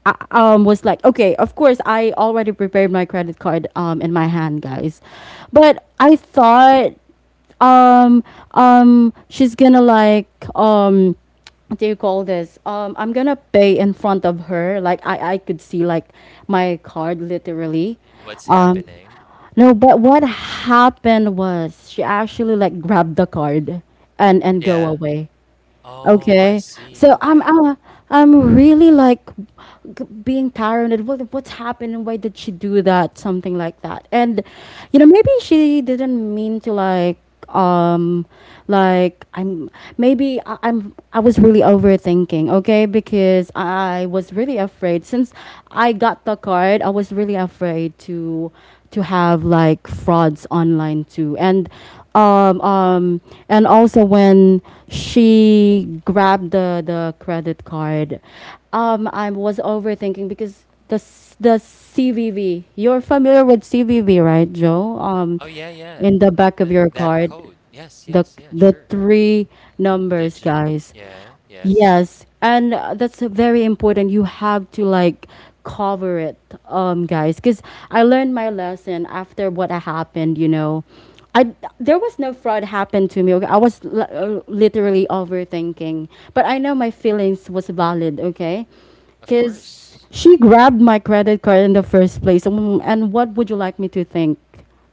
Speaker 1: I, was like, okay, of course I already prepared my credit card in my hand, guys, but
Speaker 2: Sure.
Speaker 1: I thought, um she's gonna, like, um what do you call this? I'm gonna pay in front of her. Like, I could see, like, my card literally.
Speaker 2: And what's
Speaker 1: Um,
Speaker 2: happening?
Speaker 1: no, but what happened was, she actually, like, grabbed the card and go
Speaker 2: Yeah.
Speaker 1: away.
Speaker 2: Oh, I
Speaker 1: Okay.
Speaker 2: see.
Speaker 1: So I'm
Speaker 2: Okay.
Speaker 1: I'm I'm really, like, being paranoid. What's happened and why did she do that? Something like that. And you know, maybe she didn't mean to, like, um like, I'm maybe I was really overthinking. Okay, because I was really afraid since I got the card. I was really afraid to have, like, frauds online too, um, um, and also when she grabbed the credit card, I was overthinking because the CVV. You're familiar with CVV, right, Joe?
Speaker 2: Oh, yeah, yeah.
Speaker 1: In the back
Speaker 2: Th
Speaker 1: of your
Speaker 2: That
Speaker 1: card,
Speaker 2: code. Yes,
Speaker 1: the
Speaker 2: yes, yeah,
Speaker 1: the
Speaker 2: sure.
Speaker 1: three numbers,
Speaker 2: Digit.
Speaker 1: guys.
Speaker 2: Yeah, yes.
Speaker 1: Yes, and that's very important. You have to, like, cover it, guys, because I learned my lesson after what happened. You know, I there was no fraud happened to me. Okay, I was literally overthinking, but I know my feelings was valid. Okay,
Speaker 2: Of course.
Speaker 1: because she grabbed my credit card in the first place. And what would you like me to think,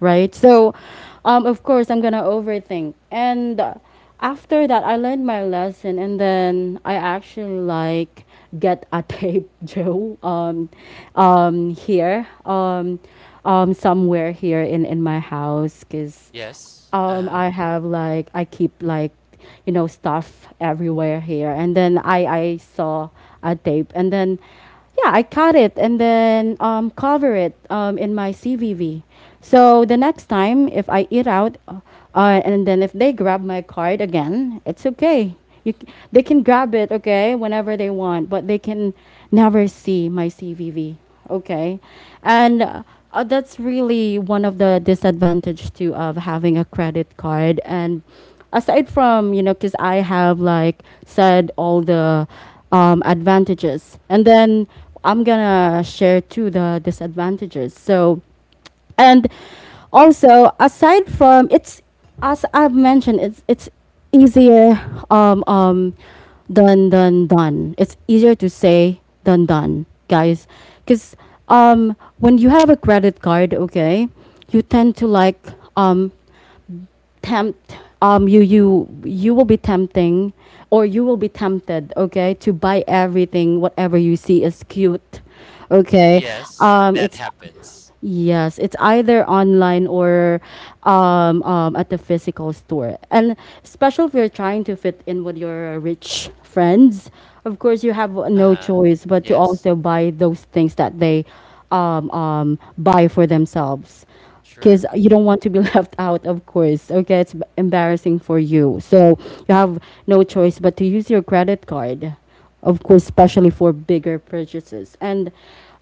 Speaker 1: right? So, of course, I'm gonna overthink. And after that, I learned my lesson, and then I actually like get a tape drill here, somewhere here in my house, cause
Speaker 2: Yes. Uh-huh.
Speaker 1: I have like I keep like stuff everywhere here, and then I saw a tape, and then yeah, I cut it, and then cover it in my CVV. So the next time if I eat out, and then if they grab my card again, it's okay. They can grab it, okay, whenever they want, but they can never see my CVV, okay? And
Speaker 2: True.
Speaker 1: That's really one of the disadvantage too of having a credit card. And aside from, you know, because I have like said all the advantages, and then I'm gonna share too the disadvantages. So, and also aside from it's, as I've mentioned, it's easier, um um than done. It's easier to say done, guys, because when you have a credit card, okay, you tend to like um tempt, you will be tempting, or you will be tempted, okay, to buy everything whatever you see is cute, okay.
Speaker 2: Yes, that
Speaker 1: It's
Speaker 2: happens.
Speaker 1: Yes, it's either online or at the physical store. And special if you're trying to fit in with your rich friends, of course you have no
Speaker 2: Uh-huh.
Speaker 1: choice but to
Speaker 2: Yes.
Speaker 1: also buy those things that they buy for themselves. Because
Speaker 2: Sure.
Speaker 1: you don't want to be left out, of course. Okay, it's b- embarrassing for you. So you have no choice but to use your credit card, of course, especially for bigger purchases. And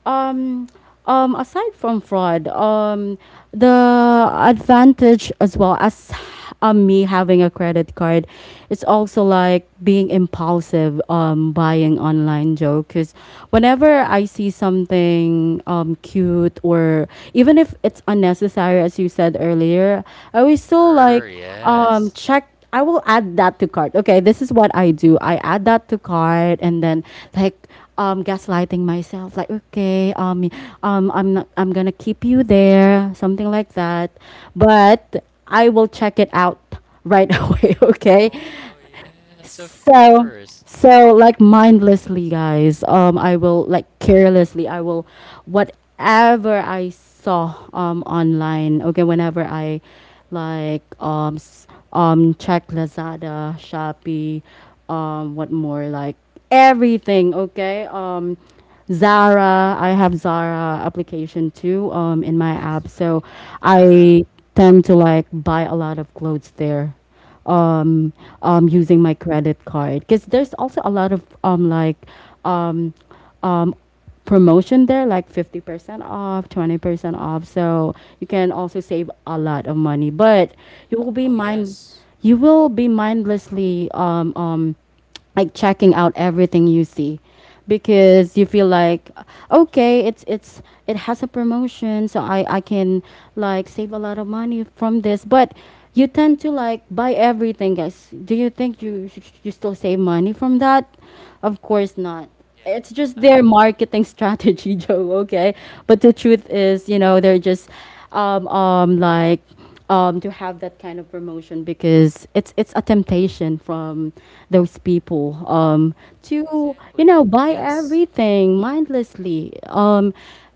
Speaker 1: um, Aside from fraud, the advantage as well as me having a credit card, it's also like being impulsive, buying online, Joe. Because whenever I see something cute, or even if it's unnecessary, as you said earlier, I always still like
Speaker 2: Sure, yes.
Speaker 1: check. I will add that to cart, okay. This is what I do: I add that to cart, and then like gaslighting myself like okay, I'm not, I'm gonna keep you there, something like that, but I will check it out right away, okay.
Speaker 2: Oh, yes, of
Speaker 1: So,
Speaker 2: course.
Speaker 1: so like mindlessly, guys. I will like carelessly. I will, whatever I saw online. Okay, whenever I, like um s- check Lazada, Shopee, what more, like everything. Okay, Zara. I have Zara application too, in my
Speaker 2: Yes,
Speaker 1: app. So
Speaker 2: right. Uh-huh.
Speaker 1: I tend to like buy a lot of clothes there, um, using my credit card, because there's also a lot of um, um, promotion there, like 50% off, 20% off. So you can also save a lot of money, but you will be
Speaker 2: Oh,
Speaker 1: mind,
Speaker 2: yes.
Speaker 1: you will be mindlessly like checking out everything you see, because you feel like okay, it's it has a promotion, so I can like save a lot of money from this. But you tend to like buy everything, guys. Do you think you you still save money from that? Of course not.
Speaker 2: Yeah.
Speaker 1: It's just their
Speaker 2: Uh-huh.
Speaker 1: marketing strategy, Joe. Okay, but the truth is, you know, they're just um um like to have that kind of promotion, because it's a temptation from those people to, you
Speaker 2: Exactly.
Speaker 1: know, buy
Speaker 2: Yes.
Speaker 1: everything mindlessly,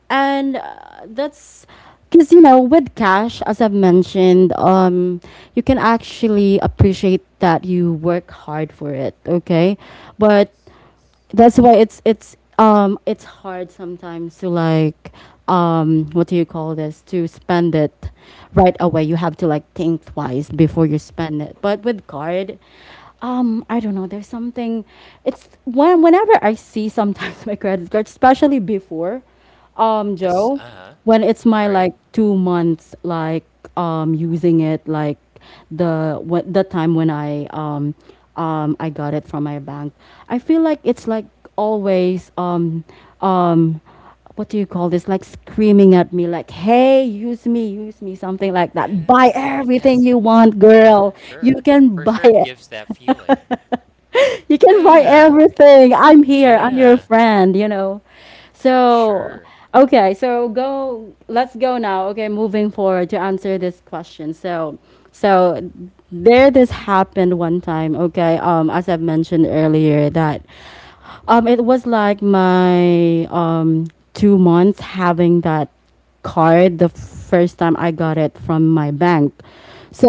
Speaker 1: and that's because, you know, with cash, as I've mentioned, you can actually appreciate that you work hard for it, okay. But
Speaker 2: Yes. Yes.
Speaker 1: that's why it's hard sometimes to like what do you call this, to spend it right away. You have to like think twice before you spend it. But with card, I don't know, there's something, it's when whenever I see sometimes my credit card, especially before,
Speaker 2: Yes.
Speaker 1: Joe,
Speaker 2: Uh-huh.
Speaker 1: when it's my
Speaker 2: Right.
Speaker 1: like 2 months like using it, like the, what, the time when I I got it from my bank, I feel like it's like always, um what do you call this, like screaming at me like hey, use me, use me, something like
Speaker 2: Yeah. Yeah,
Speaker 1: that. Buy
Speaker 2: yeah. It has.
Speaker 1: everything you want,
Speaker 2: Yeah.
Speaker 1: girl.
Speaker 2: Sure.
Speaker 1: You can
Speaker 2: For sure, it
Speaker 1: buy,
Speaker 2: gives that feeling.
Speaker 1: you can buy
Speaker 2: Yeah.
Speaker 1: everything. I'm here. I'm your
Speaker 2: Yeah.
Speaker 1: friend, you know. So,
Speaker 2: Sure.
Speaker 1: okay, so go, let's go now. Okay, moving forward to answer this question. So, so there, this happened one time, okay? Um, as I've mentioned earlier, that it was like my 2 months having that card, the first time I got it from my bank.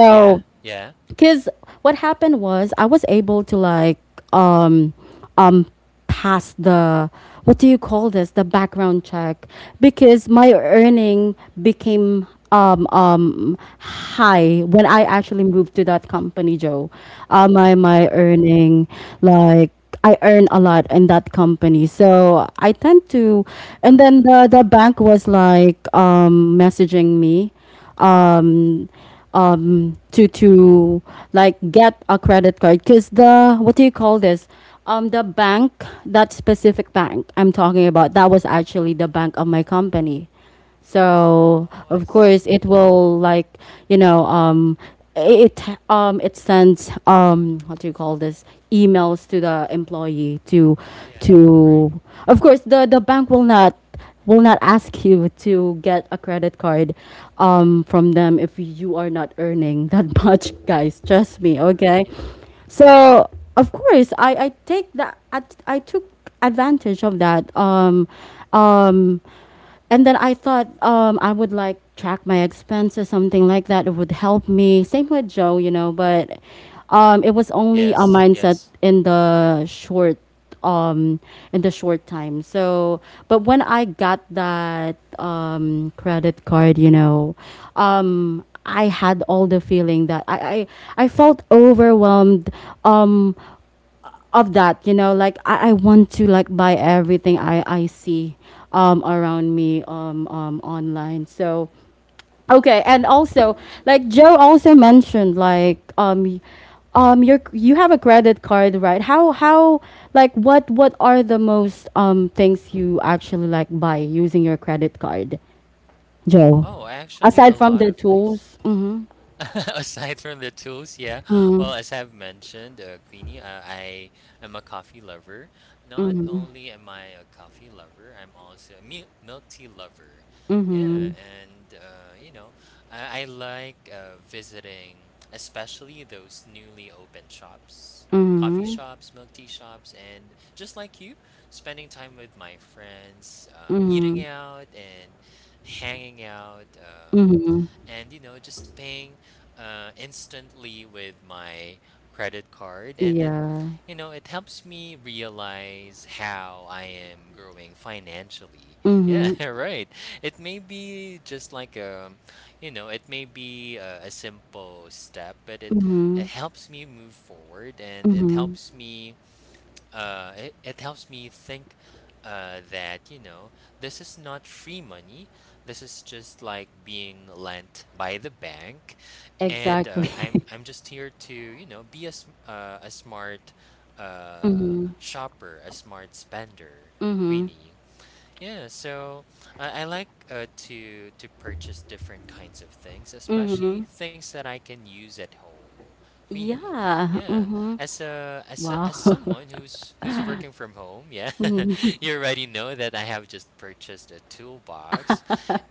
Speaker 2: Yeah. Yeah.
Speaker 1: because what happened was I was able to like um um pass the, what do you call this, the background check, because my earning became high when I actually moved to that company, Joe.
Speaker 2: Of course.
Speaker 1: My my earning, like, I earn a lot in that company, so I tend to. And then
Speaker 2: Uh-huh.
Speaker 1: the bank was like messaging me um to like get a credit card, because the, what do you call this, the bank, that specific bank I'm talking about, that was actually the bank of my company. So
Speaker 2: Oh, I
Speaker 1: of course it
Speaker 2: see.
Speaker 1: will like, you know, it, it sends, what do you call this, emails to the employee to
Speaker 2: Yeah. Right.
Speaker 1: to of course the bank will not, will not ask you to get a credit card from them if you are not earning that much, guys, trust me,
Speaker 2: Sure.
Speaker 1: okay.
Speaker 2: Yeah.
Speaker 1: So of course I take that, I took advantage of that, um and then I thought, I would like track my expenses, something like that. It would help me. Same with Joe, you know. But it was only a
Speaker 2: Yes.
Speaker 1: mindset
Speaker 2: Yes.
Speaker 1: um in the short time, so. But when I got that credit card, you know, I had all the feeling that I felt overwhelmed um of that, you know, like I want to like buy everything I see around me, online, so okay. And also
Speaker 2: Of
Speaker 1: like
Speaker 2: course.
Speaker 1: Joe also mentioned, like, your, you have a credit card, right? How, like what are the most things you actually like buy using your credit card, Joe,
Speaker 2: Oh, actually, a
Speaker 1: aside from
Speaker 2: lot
Speaker 1: the
Speaker 2: of things.
Speaker 1: tools? Mm-hmm.
Speaker 2: Aside from the tools, yeah. Well,
Speaker 1: Mm-hmm.
Speaker 2: as I've mentioned, I am a coffee lover. Not only am I a coffee lover, I'm also a milk tea lover. Yeah, and you know, I like visiting, especially those newly opened shops, coffee
Speaker 1: Mm-hmm.
Speaker 2: shops, milk tea shops, and just like you, spending time with my friends, eating out and hanging out,
Speaker 1: Mm-hmm.
Speaker 2: and you know, just paying instantly with my credit card, and it
Speaker 1: Yeah.
Speaker 2: you know it helps me realize how I am growing financially. Yeah,
Speaker 1: Mm-hmm.
Speaker 2: right. It may be just like you know, it may be a simple step, but it
Speaker 1: Mm-hmm.
Speaker 2: helps me move forward, and it helps me it helps me think that you know this is not free money. This is just like being lent by the bank. And
Speaker 1: Exactly.
Speaker 2: i'm i'm just here to you know be a smart uh, shopper, a smart spender, Queenie. Yeah, so I like to purchase different kinds of things, especially things that I can use at home. Queenie,
Speaker 1: Yeah.
Speaker 2: yeah.
Speaker 1: Mhm.
Speaker 2: As
Speaker 1: Wow.
Speaker 2: as someone who's working from home, yeah, you already know that I have just purchased a toolbox.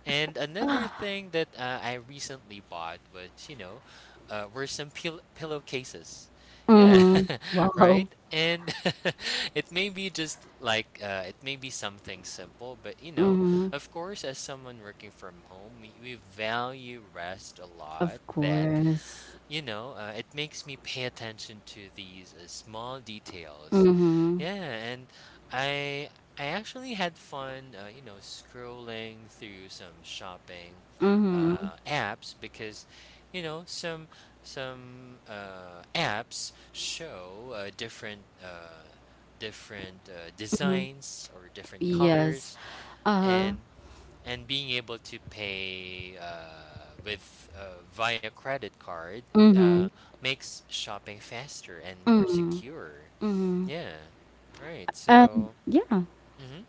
Speaker 2: And another thing that I recently bought was, you know, were some pillowcases. Yeah,
Speaker 1: Wow.
Speaker 2: right? And it may be just like it may be something simple, but you know, of course, as someone working from home, we value rest a lot.
Speaker 1: Of
Speaker 2: That
Speaker 1: course.
Speaker 2: You know, it makes me pay attention to these small details. Yeah, and I I actually had fun, you know, scrolling through some shopping uh, apps because, you know, some apps show different designs or different colors,
Speaker 1: Yes. Uh.
Speaker 2: and being able to pay with via credit card uh,
Speaker 1: Mhm.
Speaker 2: makes shopping faster and more secure. Yeah. Right.
Speaker 1: And
Speaker 2: So
Speaker 1: yeah.
Speaker 2: mhm.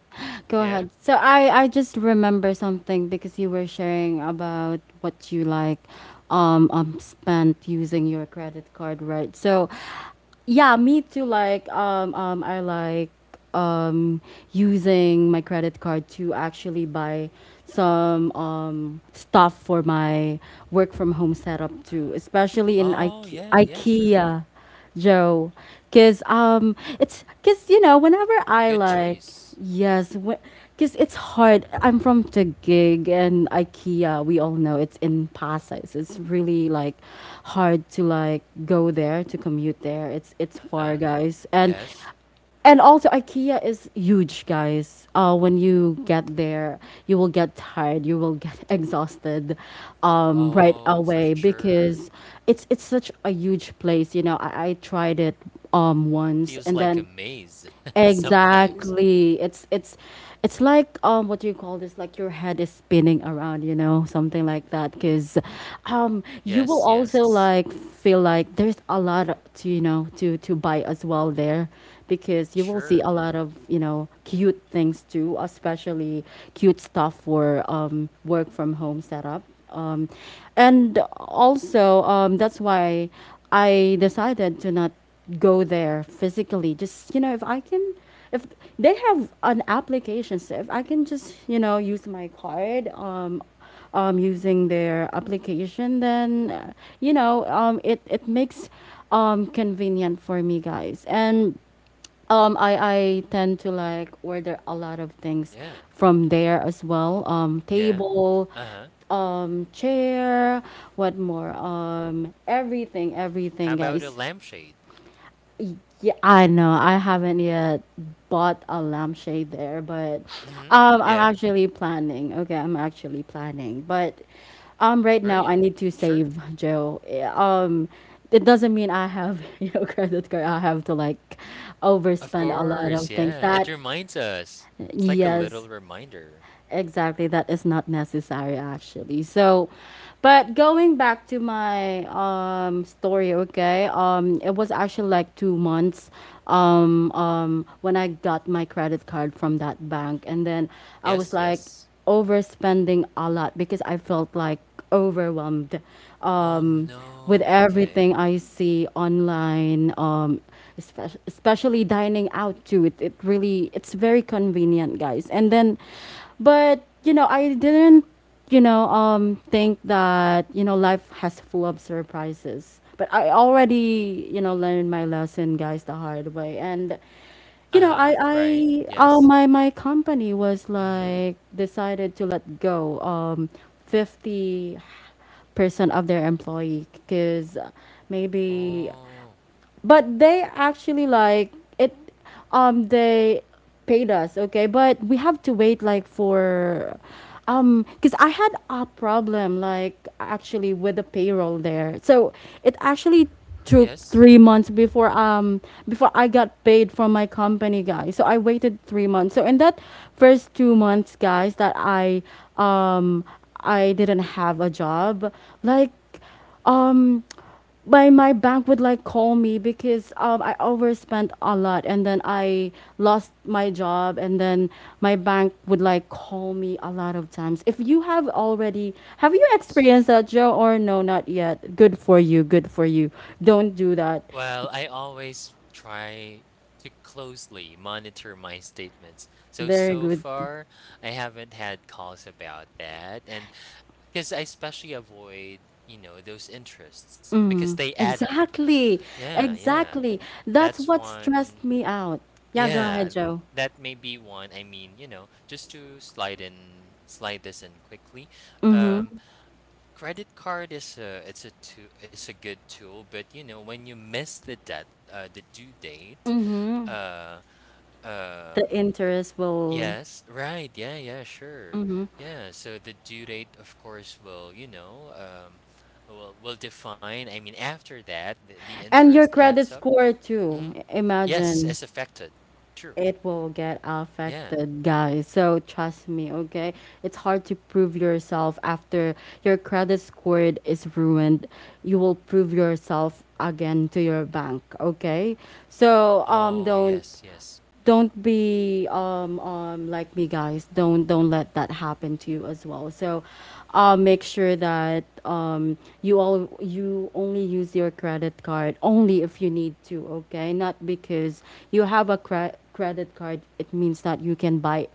Speaker 1: Go
Speaker 2: Yeah.
Speaker 1: ahead. So I just remember something because you were sharing about what you like spent using your credit card, right? So yeah, me too, like I like um using my credit card to actually buy some stuff for my work from home setup too,
Speaker 2: uh
Speaker 1: especially in
Speaker 2: Oh,
Speaker 1: Ike-
Speaker 2: yeah, yeah, sure.
Speaker 1: IKEA, Joe, cuz it's cuz, you know, whenever I
Speaker 2: Good
Speaker 1: like,
Speaker 2: choice.
Speaker 1: yes, because it's hard. I'm from Taguig, and IKEA, we all know it's in Pasay. So it's really like hard to like go there, to commute there. It's far,
Speaker 2: Uh-huh.
Speaker 1: guys. and
Speaker 2: Yes.
Speaker 1: and also IKEA is huge, guys. When you get there, you will get tired. You will get exhausted, right
Speaker 2: Oh, for
Speaker 1: away,
Speaker 2: sure.
Speaker 1: because it's such a huge place. You know, I tried it once,
Speaker 2: Feels
Speaker 1: and
Speaker 2: like a
Speaker 1: then
Speaker 2: maze sometimes.
Speaker 1: exactly. It's it's like what do you call this, like your head is spinning around, you know, something like that. Cause you will
Speaker 2: Yes, yes.
Speaker 1: also like feel like there's a lot to, you know, to buy as well there, because you will see
Speaker 2: Sure.
Speaker 1: a lot of, you know, cute things too, especially cute stuff for work from home setup. Um, and also that's why I decided to not go there physically, just, you know, if I can, if they have an application, so if I can just, you know, use my card, using their application, then you know, it it makes convenient for me, guys. And um, I, I tend to like order a
Speaker 2: Cool.
Speaker 1: lot of things
Speaker 2: Yeah.
Speaker 1: from there as well.
Speaker 2: Yeah.
Speaker 1: Table,
Speaker 2: Uh-huh.
Speaker 1: chair, what more? Everything,
Speaker 2: How
Speaker 1: everything,
Speaker 2: about a
Speaker 1: guys.
Speaker 2: lampshade?
Speaker 1: Yeah, I know. I haven't yet bought a lampshade there, but
Speaker 2: Mhm.
Speaker 1: I'm
Speaker 2: Yeah.
Speaker 1: actually planning. Okay, I'm actually planning. But right now
Speaker 2: Right.
Speaker 1: I need to
Speaker 2: Sure.
Speaker 1: save, Joe. Yeah, um, it doesn't mean I have you know credit card, I have to like
Speaker 2: Of
Speaker 1: overspend a lot of
Speaker 2: course.
Speaker 1: things.
Speaker 2: Yeah.
Speaker 1: That
Speaker 2: It reminds us. It's like a
Speaker 1: yes,
Speaker 2: little reminder.
Speaker 1: exactly, that is not necessary, actually. So, but going back to my story, okay, it was actually like 2 months, when I got my credit card from that bank. And then I was
Speaker 2: Yes, yes.
Speaker 1: like overspending a lot, because I felt like overwhelmed
Speaker 2: Oh,
Speaker 1: um,
Speaker 2: no.
Speaker 1: with
Speaker 2: Okay.
Speaker 1: everything I see online, espe- especially dining out too. It really, it's very convenient, guys. And then, but you know, I didn't, you know, think that, you know, life has full of surprises. But I already, you know, learned my lesson, guys, the hard way. And you know,
Speaker 2: Uh-huh. Right.
Speaker 1: I
Speaker 2: Yes.
Speaker 1: my company was
Speaker 2: Mhm.
Speaker 1: like decided to let go 50% of their employee, because maybe,
Speaker 2: Oh,
Speaker 1: but they actually like it, they paid us, okay, but we have to wait like for because I had a problem like actually with the payroll there. So it actually took
Speaker 2: yes.
Speaker 1: 3 months before before I got paid from my company, guys. So I waited 3 months. So in that first 2 months, guys, that I um I didn't have a job, like um by, my bank would like call me, because I overspent a lot, and then I lost my job, and then my bank would like call me a lot of times. If you have already, have
Speaker 2: Oh,
Speaker 1: you
Speaker 2: yes.
Speaker 1: experienced that, Joe? Or no, not yet. Good for you. Good for you. Don't do that.
Speaker 2: Well, I always try to closely monitor my statements. So,
Speaker 1: Very
Speaker 2: so
Speaker 1: good.
Speaker 2: far, I haven't had calls about that. And because I especially avoid, you know, those interests because they add up.
Speaker 1: Exactly.
Speaker 2: Yeah, yeah.
Speaker 1: Exactly. That's
Speaker 2: That's
Speaker 1: what stressed
Speaker 2: one.
Speaker 1: me out. Yeah, go
Speaker 2: Yeah,
Speaker 1: ahead, Joe.
Speaker 2: that may be one. I mean, you know, just to slide in, slide this in quickly. Um, Credit card is a it's a too it's a good tool, but you know when you miss the debt the due date, uh,
Speaker 1: The
Speaker 2: um,
Speaker 1: interest will.
Speaker 2: yes, right, yeah, yeah, sure, yeah. So the due date, of course, will you know will define. I mean, after that, the
Speaker 1: And your
Speaker 2: interest adds
Speaker 1: credit
Speaker 2: up.
Speaker 1: score,
Speaker 2: Hmm.
Speaker 1: too.
Speaker 2: Yes,
Speaker 1: Imagine.
Speaker 2: it's affected. True.
Speaker 1: It will get
Speaker 2: Yeah.
Speaker 1: affected, guys. So trust me, okay? It's hard to prove yourself after your credit score is ruined. You will prove yourself again to your bank, okay? So
Speaker 2: Oh,
Speaker 1: don't
Speaker 2: yes, yes,
Speaker 1: don't be like me, guys. Don't let that happen to you as well. So make sure that you all, you only use your credit card only if you need to, okay, not because you have a cre- credit card it means that you can buy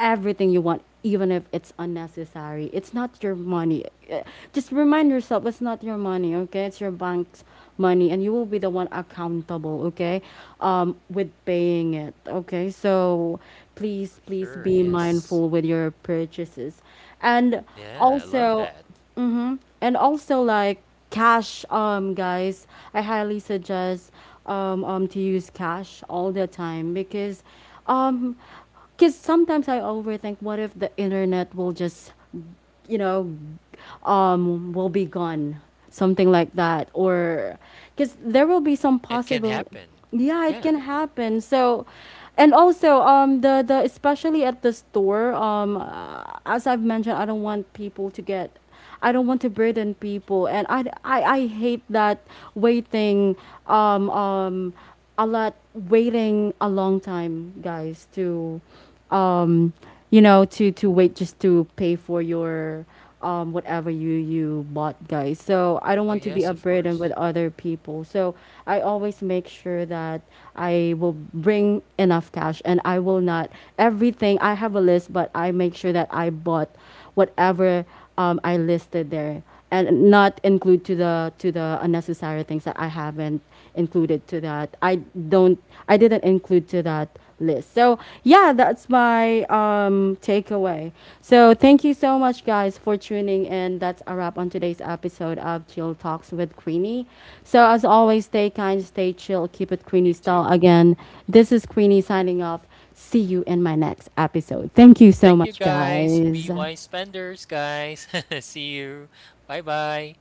Speaker 1: everything you want, even if it's unnecessary. It's not your money. Uh, Just remind yourself it's not your money, okay? It's your bank's money, and you will be the one accountable, okay? With paying it, okay? So please,
Speaker 2: for
Speaker 1: please
Speaker 2: sure.
Speaker 1: be
Speaker 2: Yes.
Speaker 1: mindful with your purchases. And
Speaker 2: Yeah, I love
Speaker 1: also,
Speaker 2: that.
Speaker 1: mm-hmm. And also like cash, guys, I highly suggest to use cash all the time, um because sometimes I overthink, what if the internet will just, you know, will be gone, something like that, or because there will be some
Speaker 2: It can
Speaker 1: possible,
Speaker 2: happen.
Speaker 1: yeah, it can
Speaker 2: Yeah.
Speaker 1: happen. So and also the especially at the store, as I've mentioned, I don't want people to get, I don't want to burden people. And I hate that waiting um um a lot, waiting a long time, guys, to um you know, to wait just to pay for your whatever you you bought, guys. So I don't
Speaker 2: Oh,
Speaker 1: want to
Speaker 2: yes,
Speaker 1: be a
Speaker 2: of
Speaker 1: burden
Speaker 2: course.
Speaker 1: with other people. So I always make sure that I will bring enough cash, and I will not everything, I have a list, but I make sure that I bought whatever I listed there, and not include to the, to the unnecessary things that I haven't included to that. I don't. I didn't include to that list. So yeah, that's my takeaway. So thank you so much, guys, for tuning in. That's a wrap on today's episode of Chill Talks with Queenie. So as always, stay kind, stay chill, keep it
Speaker 2: Thank you
Speaker 1: Queenie
Speaker 2: too.
Speaker 1: style. Again, this is Queenie signing off. See you in my next episode. Thank you so
Speaker 2: Thank you
Speaker 1: much,
Speaker 2: guys.
Speaker 1: guys.
Speaker 2: Be wise spenders, guys. See you. Bye bye.